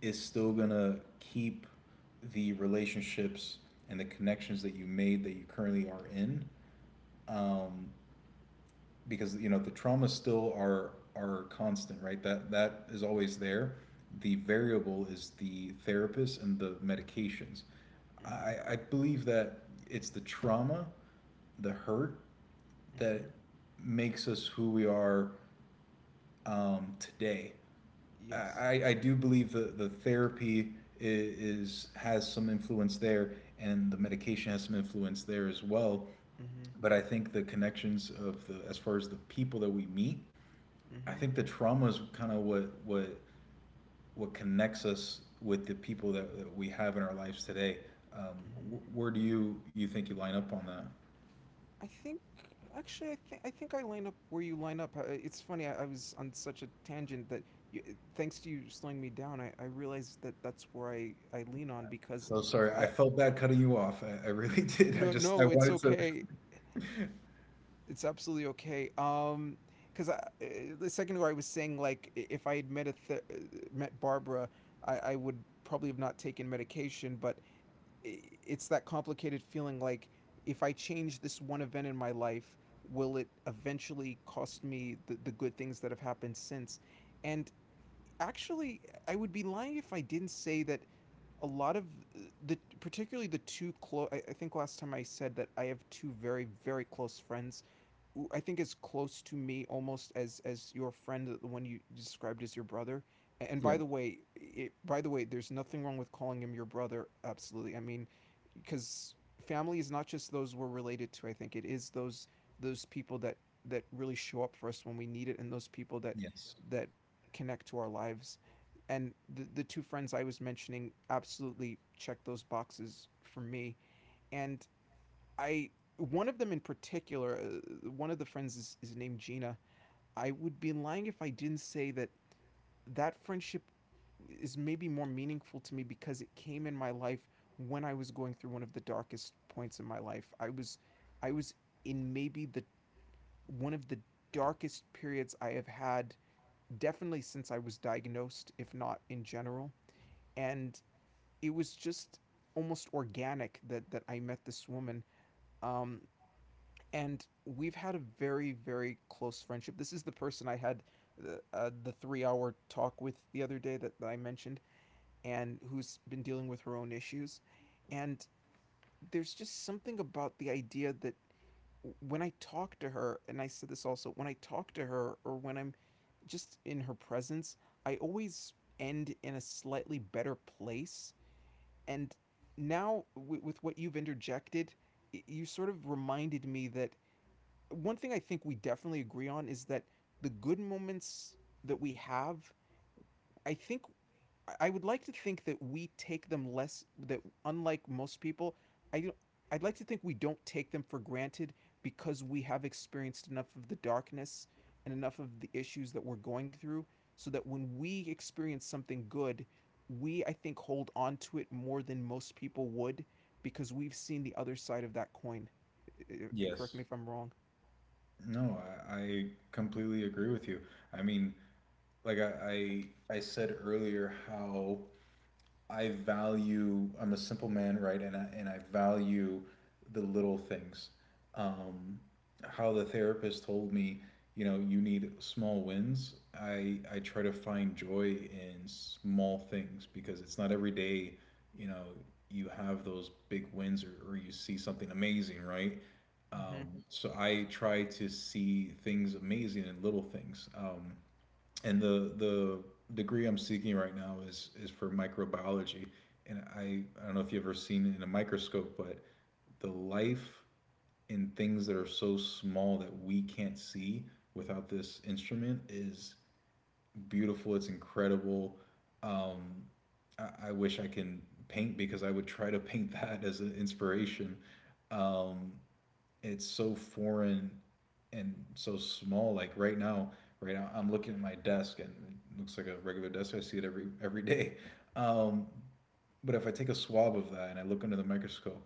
is still gonna keep the relationships and the connections that you made that you currently are in, um, because, you know, the traumas still are constant, right? That that is always there. The variable is the therapist and the medications. Mhm. I believe that it's the trauma, the hurt that Mhm. makes us who we are today. Yes. I do believe that the therapy is has some influence there, and the medication has some influence there as well. Mhm. But I think the connections of the, as far as the people that we meet, I Mhm. think the trauma is kind of what what connects us with the people that, we have in our lives today. Um, Mhm. Where do you think you line up on that? I think actually, I think I line up where you line up. It's funny. I was on such a tangent that you, thanks to you slowing me down, I realized that that's where I lean on because So sorry, I I felt bad cutting you off. I really did. I no, just I no, it's wanted to. okay. It's absolutely okay. Because I the second ago I was saying, if I had met Barbara, I would probably have not taken medication, but it's that complicated feeling like if I change this one event in my life, will it eventually cost me the good things that have happened since? And actually, I would be lying if I didn't say that a lot of uh, the particularly the two close, I think last time I said that I have two very very close friends I think is close to me almost as your friend, the one you described as your brother. And Yeah. by the way, by the way, there's nothing wrong with calling him your brother. Absolutely, I mean, because family is not just those we're related to. I think it is those people that really show up for us when we need it, and those people that Yes. that connect to our lives. And the two friends I was mentioning absolutely check those boxes for me. And I one of them in particular, one of the friends is named Gina. I would be lying if I didn't say that that friendship is maybe more meaningful to me because it came in my life when I was going through one of the darkest points in my life. I was in maybe the one of the darkest periods I have had, definitely since I was diagnosed, if not in general. And it was just almost organic that I met this woman. Um, and we've had a very very close friendship. This is the person I had the 3-hour talk with the other day that I mentioned, and who's been dealing with her own issues. And there's just something about the idea that when I talk to her, and I said this also, when I talk to her or when I'm just in her presence, I always end in a slightly better place. And now with what you've interjected, you sort of reminded me that one thing I think we definitely agree on is that the good moments that we have, I think I would like to think that we take them less, that unlike most people, I don't I'd like to think we don't take them for granted, because we have experienced enough of the darkness and enough of the issues that we're going through, so that when we experience something good, we, I think, hold on to it more than most people would because we've seen the other side of that coin. Correct Yes. me if I'm wrong. No, I completely agree with you. I mean, like I said earlier, how I value. I'm a simple man, right? And and I value the little things. Um, how the therapist told me, you know, you need small wins. I try to find joy in small things because it's not every day, you know, you have those big wins, or you see something amazing, right? Mhm. So I try to see things amazing in little things. And the degree I'm seeking right now is for microbiology. And I don't know if you've ever seen in a microscope, but the life in things that are so small that we can't see without this instrument is beautiful. It's incredible. Um, I wish I can paint because I would try to paint that as an inspiration. Um, it's so foreign and so small. Like right now, I'm looking at my desk and it looks like a regular desk. I see it every day. Um, but if I take a swab of that and I look under the microscope,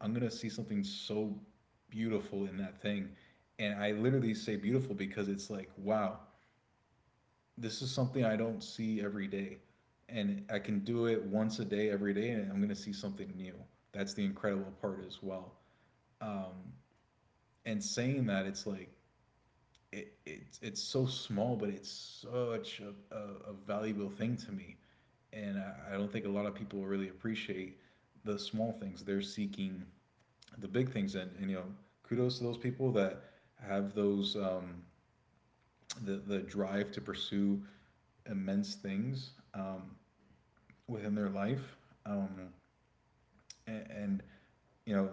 I'm gonna see something so beautiful in that thing. And I literally say beautiful because it's like, wow, this is something I don't see every day. And I can do it once a day every day and I'm gonna see something new. That's the incredible part as well. Um, and saying that, it's like it's so small, but it's such a, a valuable thing to me, and I don't think a lot of people really appreciate the small things. They're seeking the big things, and you know, kudos to those people that have those the drive to pursue immense things, within their life. Um, and you know,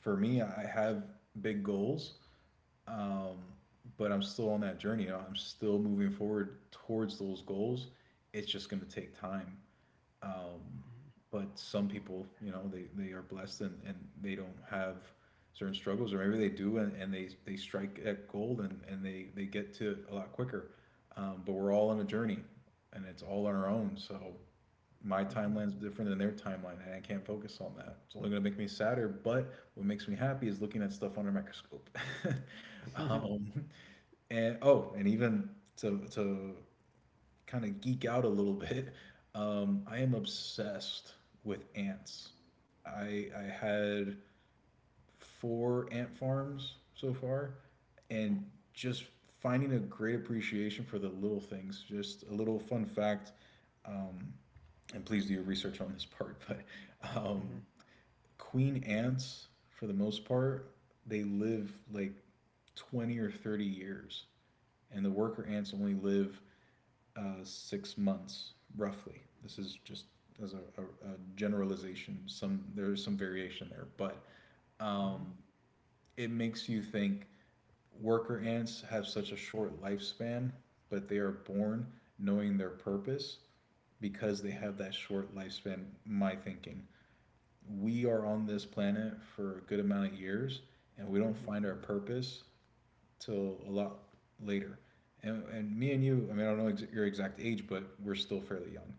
for me, I have big goals, um, but I'm still on that journey. I'm still moving forward towards those goals. It's just going to take time. Um, Mhm. but some people, you know, they are blessed and they don't have certain struggles, or maybe they do, and they strike at gold, and they get to it a lot quicker. But we're all on a journey and it's all on our own. So my timeline's different than their timeline and I can't focus on that. It's only going to make me sadder, but what makes me happy is looking at stuff under a microscope. Um, and oh, and even to kind of geek out a little bit, I am obsessed with ants. I had four ant farms so far, and just finding a great appreciation for the little things. Just a little fun fact, um, and please do your research on this part. But um, queen ants, for the most part, they live like 20 or 30 years, and the worker ants only live 6 months, roughly. This is just as a generalization. Some there is some variation there, but it makes you think worker ants have such a short lifespan, but they are born knowing their purpose because they have that short lifespan. My thinking, we are on this planet for a good amount of years, and we don't find our purpose till a lot later. And me and you, I mean, I don't know your exact age, but we're still fairly young.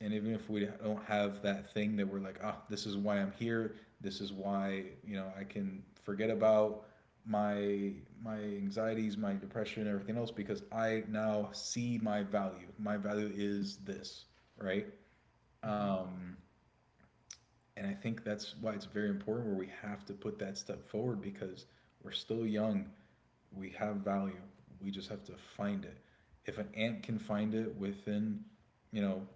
And even if we don't have that thing that we're like, oh, this is why I'm here, this is why, I can forget about my my anxieties, my depression, everything else, because I now see my value. My value is this, right? um and I think that's why it's very important where we have to put that step forward, because we're still young, we have value. We just have to find it. If an ant can find it within, you know,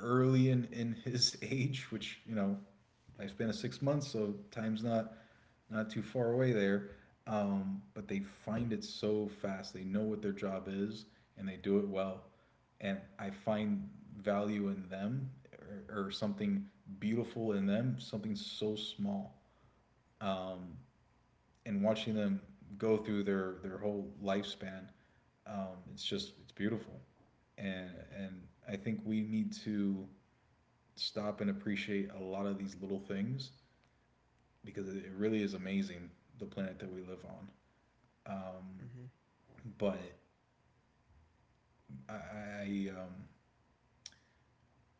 early in his age, which, you know, lifespan of 6 months, so time's not too far away there. But they find it so fast. They know what their job is and they do it well. And I find value in them, or something beautiful in them, something so small. Um, and watching them go through their whole lifespan, it's just it's beautiful, and I think we need to stop and appreciate a lot of these little things, because it really is amazing, the planet that we live on. Um, but I, I um,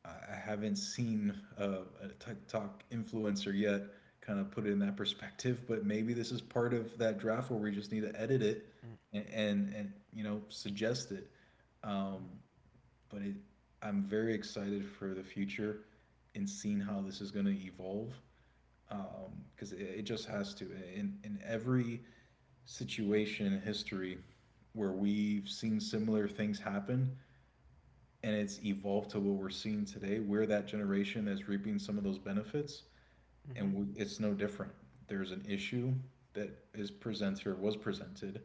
I haven't seen a TikTok influencer yet kind of put it in that perspective, but maybe this is part of that draft where we just need to edit it and you know, suggest it. Um, but it, I'm very excited for the future and seeing how this is going to evolve, because it just has to. In every situation in history where we've seen similar things happen, and it's evolved to what we're seeing today. We're that generation that's reaping some of those benefits, and it's no different. There's an issue that is presented, or was presented,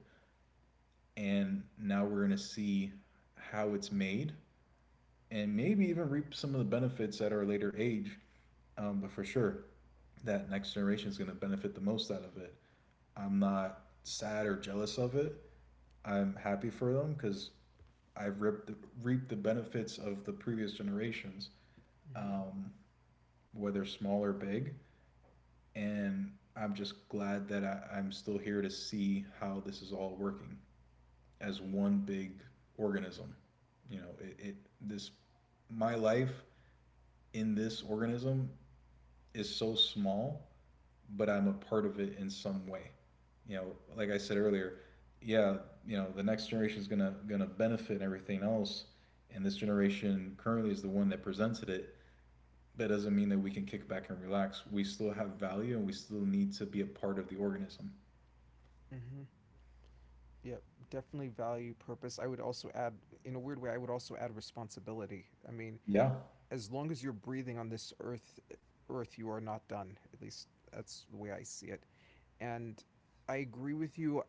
and now we're going to see how it's made, and maybe even reap some of the benefits at our later age. But for sure, that next generation is going to benefit the most out of it. I'm not sad or jealous of it. I'm happy for them because I've reaped the benefits of the previous generations. Um, whether small or big. And I'm just glad that I'm still here to see how this is all working as one big organism. You know, it, this my life in this organism is so small, but I'm a part of it in some way. You know, like I said earlier, yeah, you know, the next generation is gonna benefit everything else, and this generation currently is the one that presented it. That doesn't mean that we can kick back and relax. We still have value and we still need to be a part of the organism. Yep, definitely value, purpose. I would also add, in a weird way, I would also add responsibility. I mean, Yeah. as long as you're breathing on this earth, you are not done. At least that's the way I see it. And I agree with you.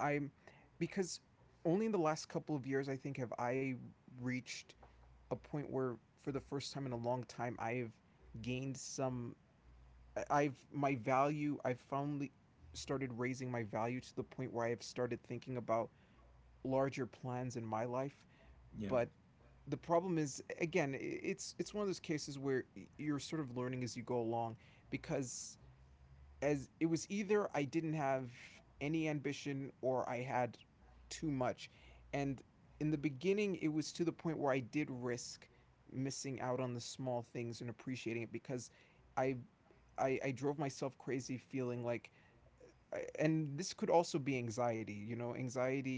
I'm Because only in the last couple of years, I think, have I reached a point where, for the first time in a long time, I've gained some, have my value, I've finally started raising my value to the point where I have started thinking about larger plans in my life. Yeah. But the problem is, again, it's one of those cases where you're sort of learning as you go along, because, as it was, either I didn't have any ambition or I had too much. And in the beginning, it was to the point where I did risk missing out on the small things and appreciating it, because I I drove myself crazy feeling like, and this could also be anxiety,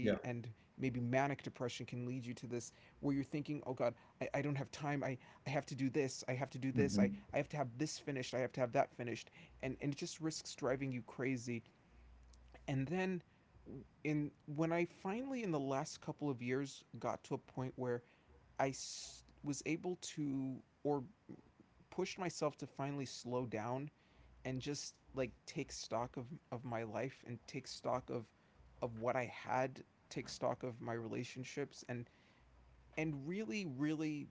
Yeah. and maybe manic depression can lead you to this, where you're thinking, oh god, I don't have time, I have to do this, I have to do this, I, Mm-hmm. I have to have this finished, I have to have that finished, and it just risks driving you crazy. And then in when I finally, in the last couple of years, got to a point where I was able to, or pushed myself to, finally slow down and just, like, take stock of my life, and take stock of what I had, take stock of my relationships, and really really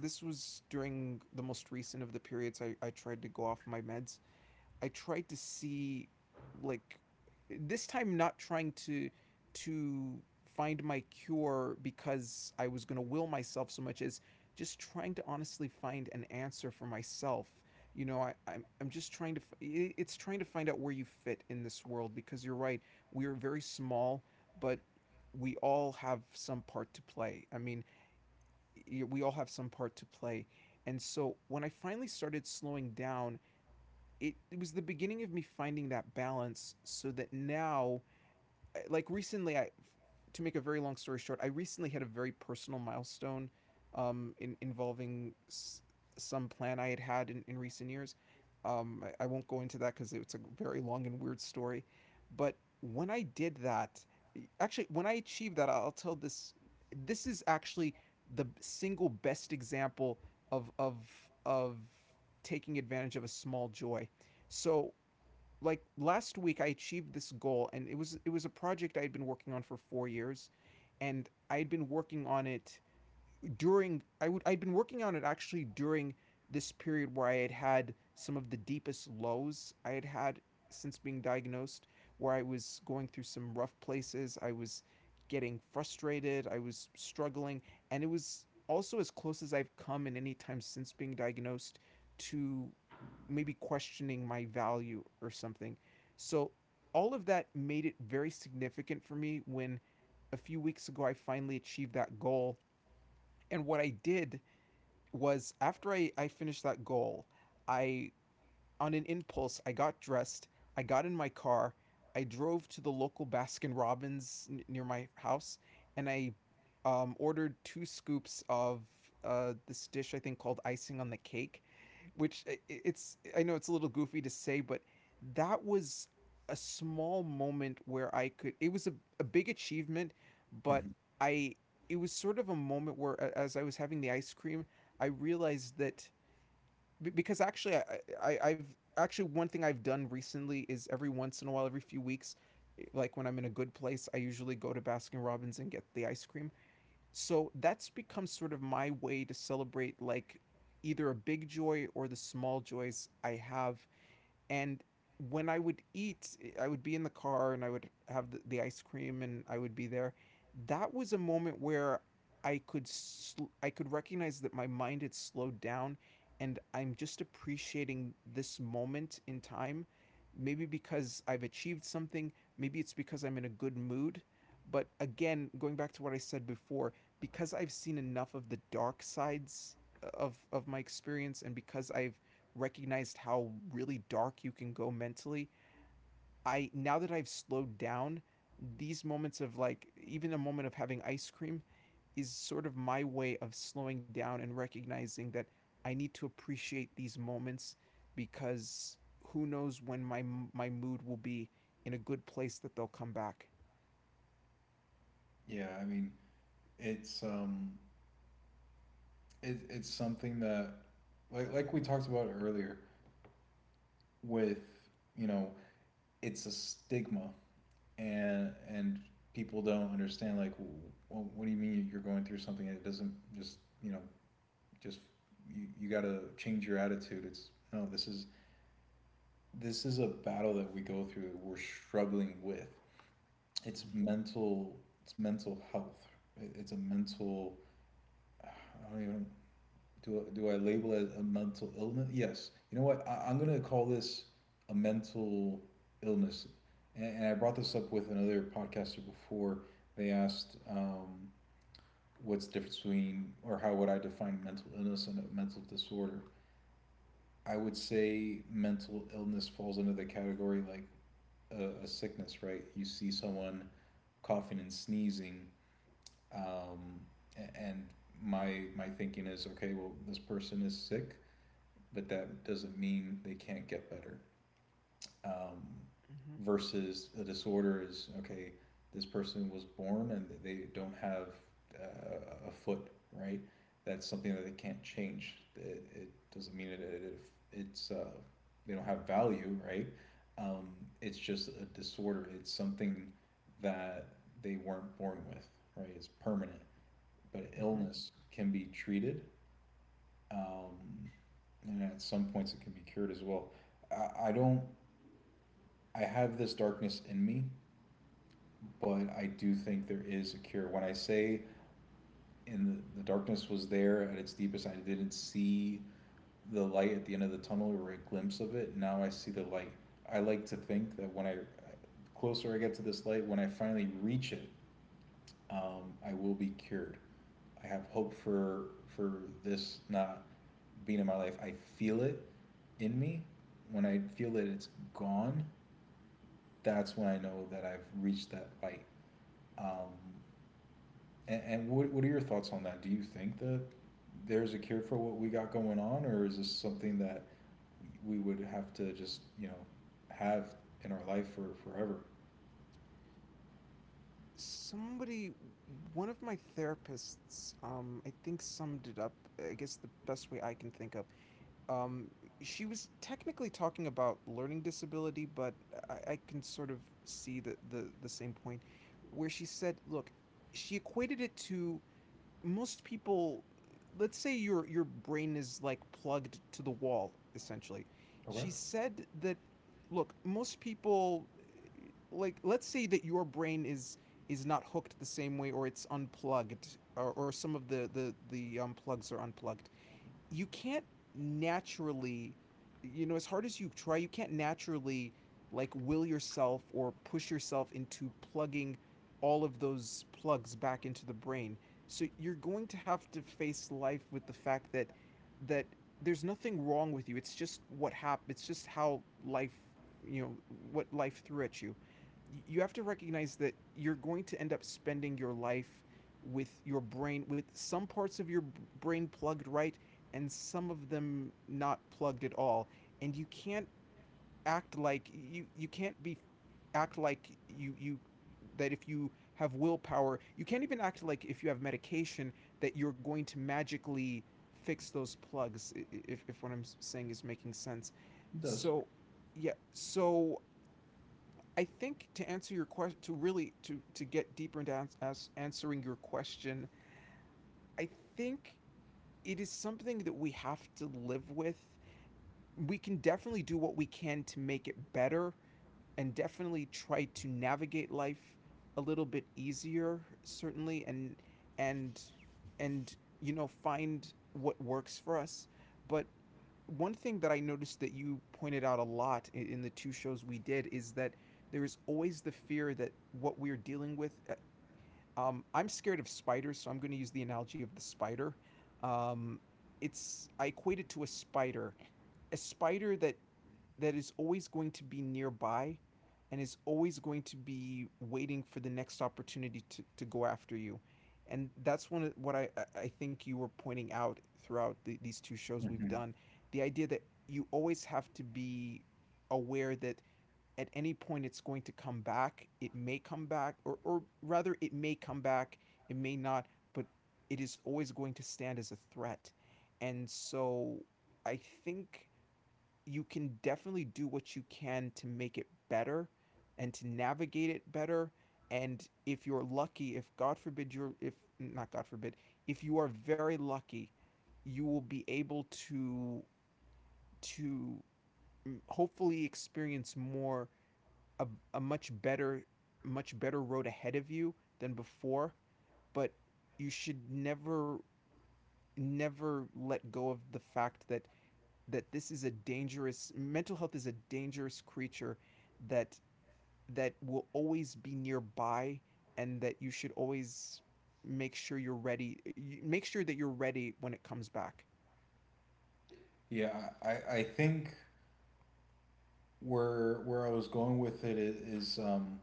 this was during the most recent of the periods I tried to go off my meds. I tried to see, like, this time not trying to find my cure because I was going to will myself so much as just trying to honestly find an answer for myself. I'm just trying to, it's trying to find out where you fit in this world because you're right. We are very small, but we all have some part to play. I mean, we all have some part to play. And so when I finally started slowing down, it was the beginning of me finding that balance so that now, like, recently I to make a very long story short, I recently had a very personal milestone, in involving some plan I had had in recent years. I won't go into that because it's a very long and weird story. But when I did that, actually when I achieved that, I'll tell this. This is actually the single best example of of of taking advantage of a small joy. So, like, last week I achieved this goal and it was a project I had been working on for 4 years, and I had been working on it during, I'd been working on it actually during this period where I had had some of the deepest lows I had had since being diagnosed, where I was going through some rough places, I was getting frustrated, I was struggling, and it was also as close as I've come in any time since being diagnosed to maybe questioning my value or something. So all of that made it very significant for me when, a few weeks ago, I finally achieved that goal. And what I did was, after I finished that goal, I on an impulse, I got dressed, I got in my car, I drove to the local Baskin Robbins near my house, and I ordered two scoops of this dish I think called icing on the cake, which, it's, I know it's a little goofy to say, but that was a small moment where I could. It was a big achievement, but Mm-hmm. I it was sort of a moment where, as I was having the ice cream, I realized that, because actually, I I've actually one thing I've done recently is every once in a while, every few weeks, like, when I'm in a good place, I usually go to Baskin Robbins and get the ice cream. So that's become sort of my way to celebrate, like, either a big joy or the small joys I have. And when I would eat, I would be in the car and I would have the ice cream, and I would be there. That was a moment where I could recognize that my mind had slowed down and I'm just appreciating this moment in time. Maybe because I've achieved something, maybe it's because I'm in a good mood. But again, going back to what I said before, because I've seen enough of the dark sides of my experience and because I've recognized how really dark you can go mentally. I now that I've slowed down, these moments of like even a moment of having ice cream is sort of my way of slowing down and recognizing that I need to appreciate these moments because who knows when my mood will be in a good place that they'll come back. Yeah. I mean, it's um, it's something that, like we talked about earlier, with, you know, it's a stigma, and people don't understand, like, well, what do you mean you're going through something? It doesn't just, you know, just you got to change your attitude. It's no, this is, this is a battle that we go through, that we're struggling with. It's mental. It's mental health. It's a mental. I don't even. Do I label it as a mental illness? Yes. You know what? I'm gonna call this a mental illness. And I brought this up with another podcaster before. They asked, "What's the difference between, or how would I define mental illness and a mental disorder?" I would say mental illness falls under the category, like a sickness, right? You see someone coughing and sneezing, um, and my thinking is, okay, well, this person is sick, but that doesn't mean they can't get better, um, Mm-hmm, versus a disorder is, okay, this person was born and they don't have a foot, right? That's something that they can't change. It doesn't mean that it's they don't have value, right? Um, it's just a disorder. It's something that they weren't born with, right? It's permanent. But mm-hmm. illness can be treated, um, and at some points it can be cured as well. I don't I have this darkness in me, but I do think there is a cure. When I say the darkness was there at its deepest, I didn't see the light at the end of the tunnel or a glimpse of it. Now I see the light. I like to think that when I closer I get to this light, when I finally reach it, I will be cured. I have hope for for this not being in my life. I feel it in me. When I feel that it's gone, that's when I know that I've reached that light. Um, and what are your thoughts on that? Do you think that there's a cure for what we got going on, or is this something that we would have to just, you know, have in our life for forever? Somebody, one of my therapists, I think summed it up. I guess the best way I can think of Um, she was technically talking about learning disability, but I can sort of see the, the same point where she said, look, she equated it to most people. Let's say your brain is like plugged to the wall, essentially. Okay. It She said that, look, most people, like, let's say that your brain is not hooked the same way or it's unplugged, or some of the plugs are unplugged, you can't naturally, you know, as hard as you try you can't naturally like will yourself or push yourself into plugging all of those plugs back into the brain, so you're going to have to face life with the fact that there's nothing wrong with you, it's just what happened. It's just how life, you know, what life threw at you. You have to recognize that you're going to end up spending your life with your brain, with some parts of your brain plugged, right, and some of them not plugged at all. And you can't act like you can't be act like you that if you have willpower, you can't even act like if you have medication that you're going to magically fix those plugs, if what I'm saying is making sense. does. So yeah, so I think to answer your question, to really to get deeper into ans- as answering your question, I think it is something that we have to live with. We can definitely do what we can to make it better, and definitely try to navigate life a little bit easier certainly, and and you know, find what works for us. But one thing that I noticed that you pointed out a lot in the two shows we did is that there is always the fear that what we're dealing with, I'm scared of spiders, so I'm going to use the analogy of the spider. um, it's, I equate it to a spider, a spider that is always going to be nearby and is always going to be waiting for the next opportunity to go after you. And that's one of what think you were pointing out throughout the, these two shows we've Mhm. done. The idea that you always have to be aware that at any point it's going to come back, it may come back, or rather it may come back, it may not, but it is always going to stand as a threat. And so I think you can definitely do what you can to make it better and to navigate it better. And if you're lucky, if god forbid you're, if not god forbid, if you are very lucky, you will be able to hopefully experience more a, a much better, much better road ahead of you than before. But you should never, never let go of the fact that this is a dangerous, mental health is a dangerous creature that that will always be nearby, and that you should always make sure you're ready, make sure that you're ready when it comes back. Yeah, I think where I was going with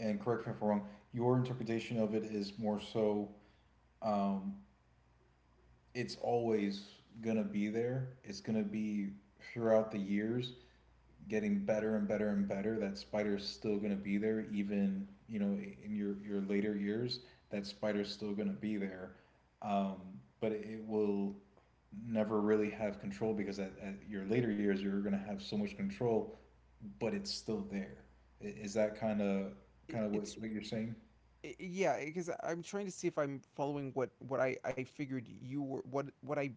and correct me if I'm wrong. Your interpretation of it is more so, um, it's always gonna be there. It's gonna be throughout the years getting better and better and better, that spider is still going to be there, even, you know, in your later years that spider is still going to be there, um, but it will never really have control, because at your later years you're going to have so much control, but it's still there. Is that kind of it's what you're saying? Yeah, because I'm trying to see if I'm following what I figured you were what I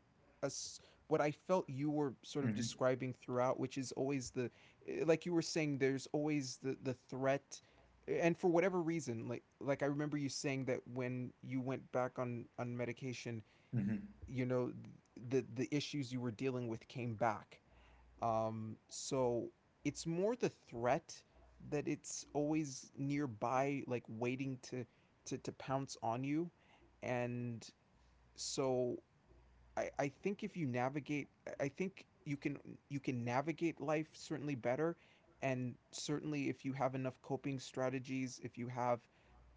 as what I felt you were sort of Mm-hmm. describing throughout, which is always the, like you were saying there's always the threat. And for whatever reason, like I remember you saying that when you went back on medication, Mm-hmm. you know, the issues you were dealing with came back. Um, so it's more the threat, that it's always nearby, like waiting to pounce on you. And so I think if you navigate, I think you can, you can navigate life certainly better. And certainly if you have enough coping strategies, if you have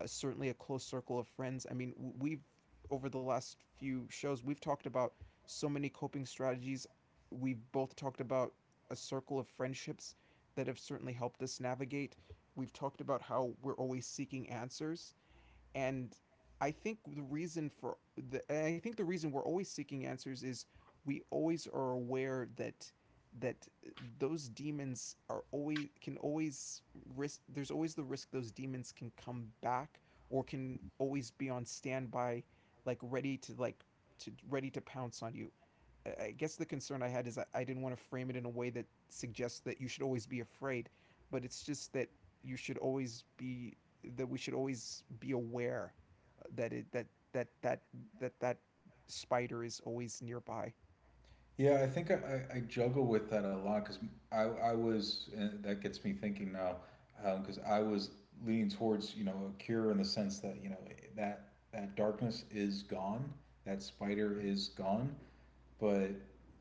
a, certainly a close circle of friends. I mean, we've, over the last few shows, we've talked about so many coping strategies. We've both talked about a circle of friendships that have certainly helped us navigate. We've talked about how we're always seeking answers. And I think the reason for the, and I think the reason we're always seeking answers is we always are aware that those demons are always, can always risk, there's always the risk those demons can come back or can always be on standby, like ready to like to ready to pounce on you. I guess the concern I had is, I didn't want to frame it in a way that suggests that you should always be afraid, but it's just that you should always be, that we should always be aware that it that that that that that spider is always nearby. Yeah, I think I juggle with that a lot, because I was, and that gets me thinking now, because I was leaning towards, you know, a cure in the sense that, you know, that darkness is gone, that spider is gone. But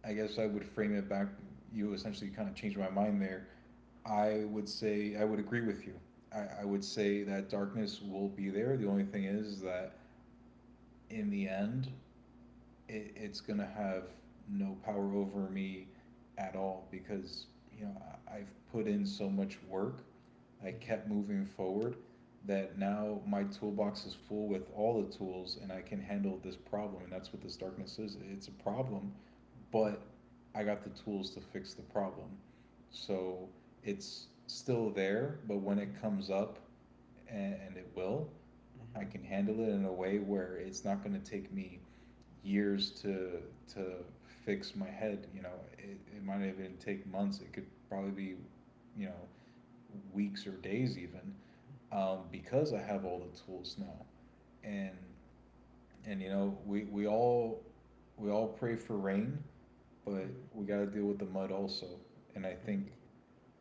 I guess I would frame it back, you essentially kind of changed my mind there. I would agree with you. I would say that darkness will be there. The only thing is that in the end, it's gonna have no power over me at all because, you know, I have put in so much work. I Mm-hmm, kept moving forward, that now my toolbox is full with all the tools and I can handle this problem. And that's what this darkness is. It's a problem, mm-hmm, but I got the tools to fix the problem. So it's still there, but when it comes up, and it will, I mm-hmm, can handle it in a way where it's not going to take me years to to fix my head. You know, it might even take months. It could probably be, you know, weeks or days even, because I have all the tools now. And and you know, we all pray for rain, but mm-hmm, we got to deal with the mud also. And I think mm-hmm,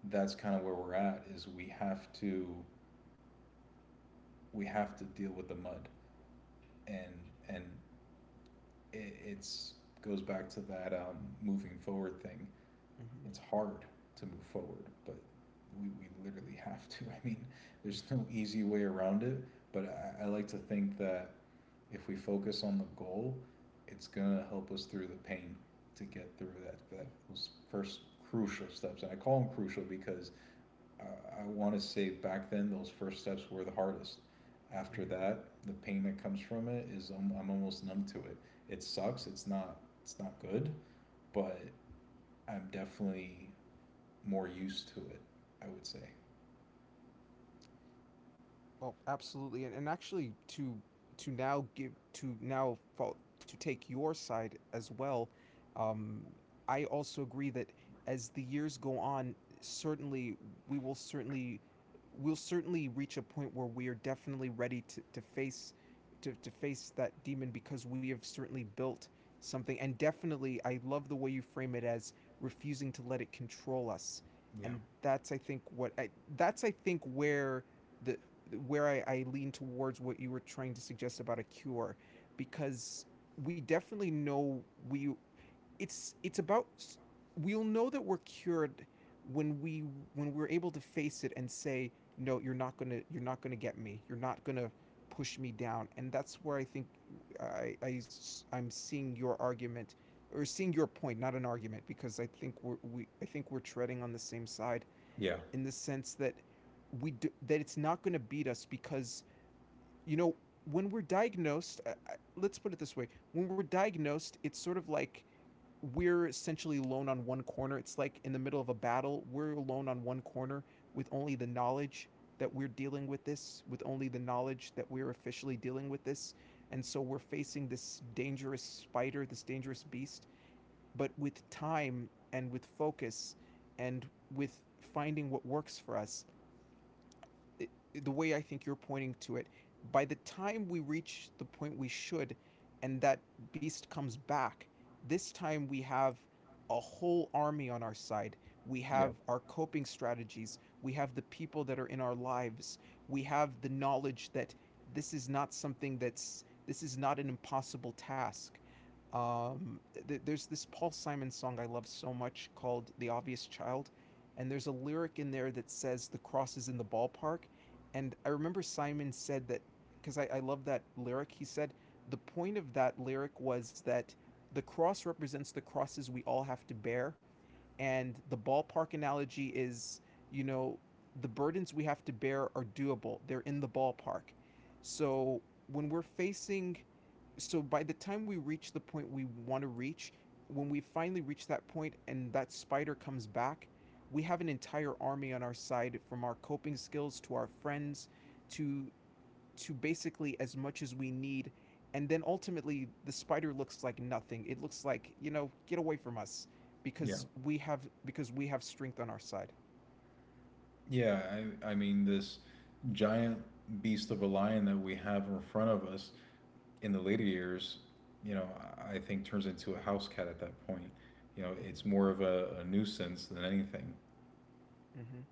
that's kind of where we're at, is we have to, we have to deal with the mud, and and it's goes back to that, moving forward thing. mm-hmm, It's hard to move forward, but we literally have to. I mean, there's mm-hmm, no easy way around it, but I like to think that if we focus on the goal, it's going to help us through the pain to get through that those first crucial steps. And I call them crucial because, I, I want to say back then those first steps were the hardest. After mm-hmm. that, the pain that comes from it is I'm almost numb to it. It sucks. It's not good, but I'm definitely more used to it. I would say. Well, absolutely, and actually to now give to now to take your side as well. Um, I also agree that as the years go on, certainly we will certainly, we'll certainly reach a point where we are definitely ready to face to face that demon, because we have certainly built something. And definitely, I love the way you frame it as refusing to let it control us. Yeah. And that's, I think what I, that's I think where the, where I lean towards what you were trying to suggest about a cure. Because we definitely know we, it's about, we'll know that we're cured when we, when we're able to face it and say, no, you're not going to, you're not going to get me, you're not going to push me down. And that's where I think I am seeing your argument, or seeing your point, not an argument, because I think we're we, I think we're treading on the same side, Yeah. in the sense that we do, that it's not going to beat us. Because, you know, when we're diagnosed, let's put it this way, when we're diagnosed it's sort of like we're essentially alone on one corner, it's like in the middle of a battle we're alone on one corner with only the knowledge that we're dealing with this, with only the knowledge that we're officially dealing with this. And so we're facing this dangerous spider, this dangerous beast. But with time and with focus and with finding what works for us, i- the way I think you're pointing to it, by the time we reach the point we should, and that beast comes back, this time we have a whole army on our side. We Yeah. have our coping strategies. We have the people that are in our lives. We have the knowledge that this is not something that's, this is not an impossible task. Um, th- there's this Paul Simon song I love so much called The Obvious Child. And there's a lyric in there that says the cross is in the ballpark. And I remember Simon said that, because I love that lyric. He said the point of that lyric was that the cross represents the crosses we all have to bear. And the ballpark analogy is, you know, the burdens we have to bear are doable, they're in the ballpark. So when we're facing, so by the time we reach the point we want to reach, when we finally reach that point and that spider comes back, we have an entire army on our side, from our coping skills to our friends to to basically as much as we need. And then ultimately the spider looks like nothing, it looks like, you know, get away from us, Yeah. because we have, because we have strength on our side. Yeah. I mean this giant beast of a lion that we have in front of us in the later years, you know, I think turns into a house cat at that point. You know, Mm-hmm, it's more of a nuisance than anything. mm-hmm,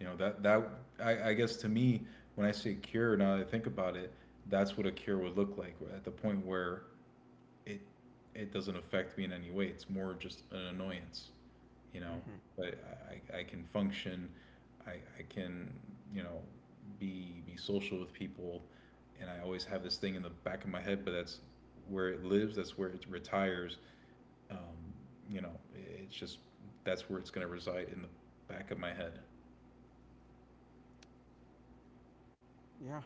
You know that I guess to me when I say cure, now that I think about it, that's what a cure would look like at the mm-hmm. point where it doesn't affect me in any way. It's more just an annoyance, you know. Mm-hmm. But I can function, I, I can, you know, be social with people, and I always have this thing in the back of my head. But that's where it lives. That's where it retires. Um, you know, it's just that's where it's going to reside in the back of my head. Yeah.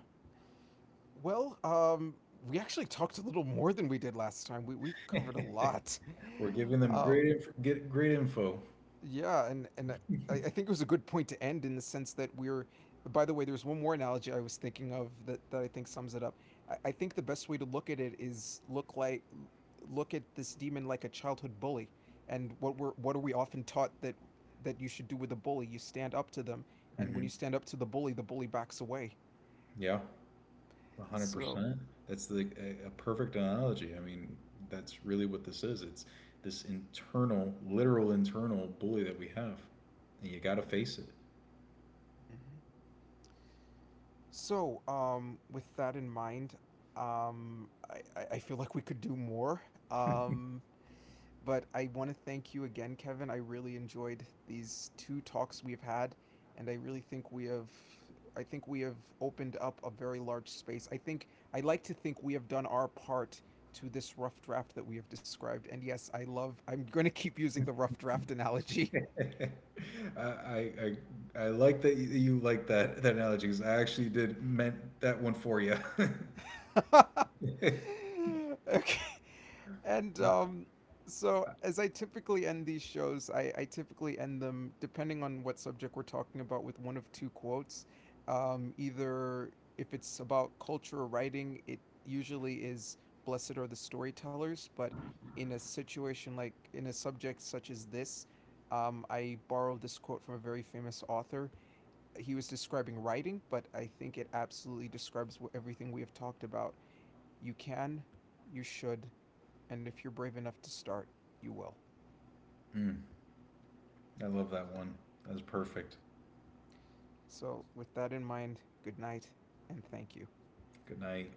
Well, we actually talked a little more than we did last time. We we've covered a lot. We're giving them great Um, get great info. yeah, and I think it was a good point to end in the sense that we're. By the way, there's one more analogy I was thinking of that that I think sums it up. I think the best way to look at it is look like, look at this demon like a childhood bully. And what we're, what are we often taught that that you should do with a bully? You stand up to them, and when Hmm. you stand up to the bully backs away. Yeah, one hundred So. percent. That's the a perfect analogy. I mean, that's really what this is. It's this internal, literal internal bully that we have, and you got to face it. Mhm. So, with that in mind, I feel like we could do more. But I want to thank you again, Kevin. I really enjoyed these two talks we've had, and I really think we have, I think we have opened up a very large space. I think I like to think we have done our part to this rough draft that we have described. And yes, I love. I'm going to keep using the rough draft analogy. I, I I I like that you like that analogy, because I actually did meant that one for you. okay. And so, as I typically end these shows, I typically end them, depending on what subject we're talking about, with one of two quotes. Either if it's about culture or writing, it usually is: Blessed are the storytellers. But in a situation like, in a subject such as this, I borrowed this quote from a very famous author. He was describing writing, but I think it absolutely describes everything we have talked about. You can, you should, and if you're brave enough to start, you will. Mm, I love that one. That was perfect. Mm-hmm. So, with that in mind, good night and thank you. Good night.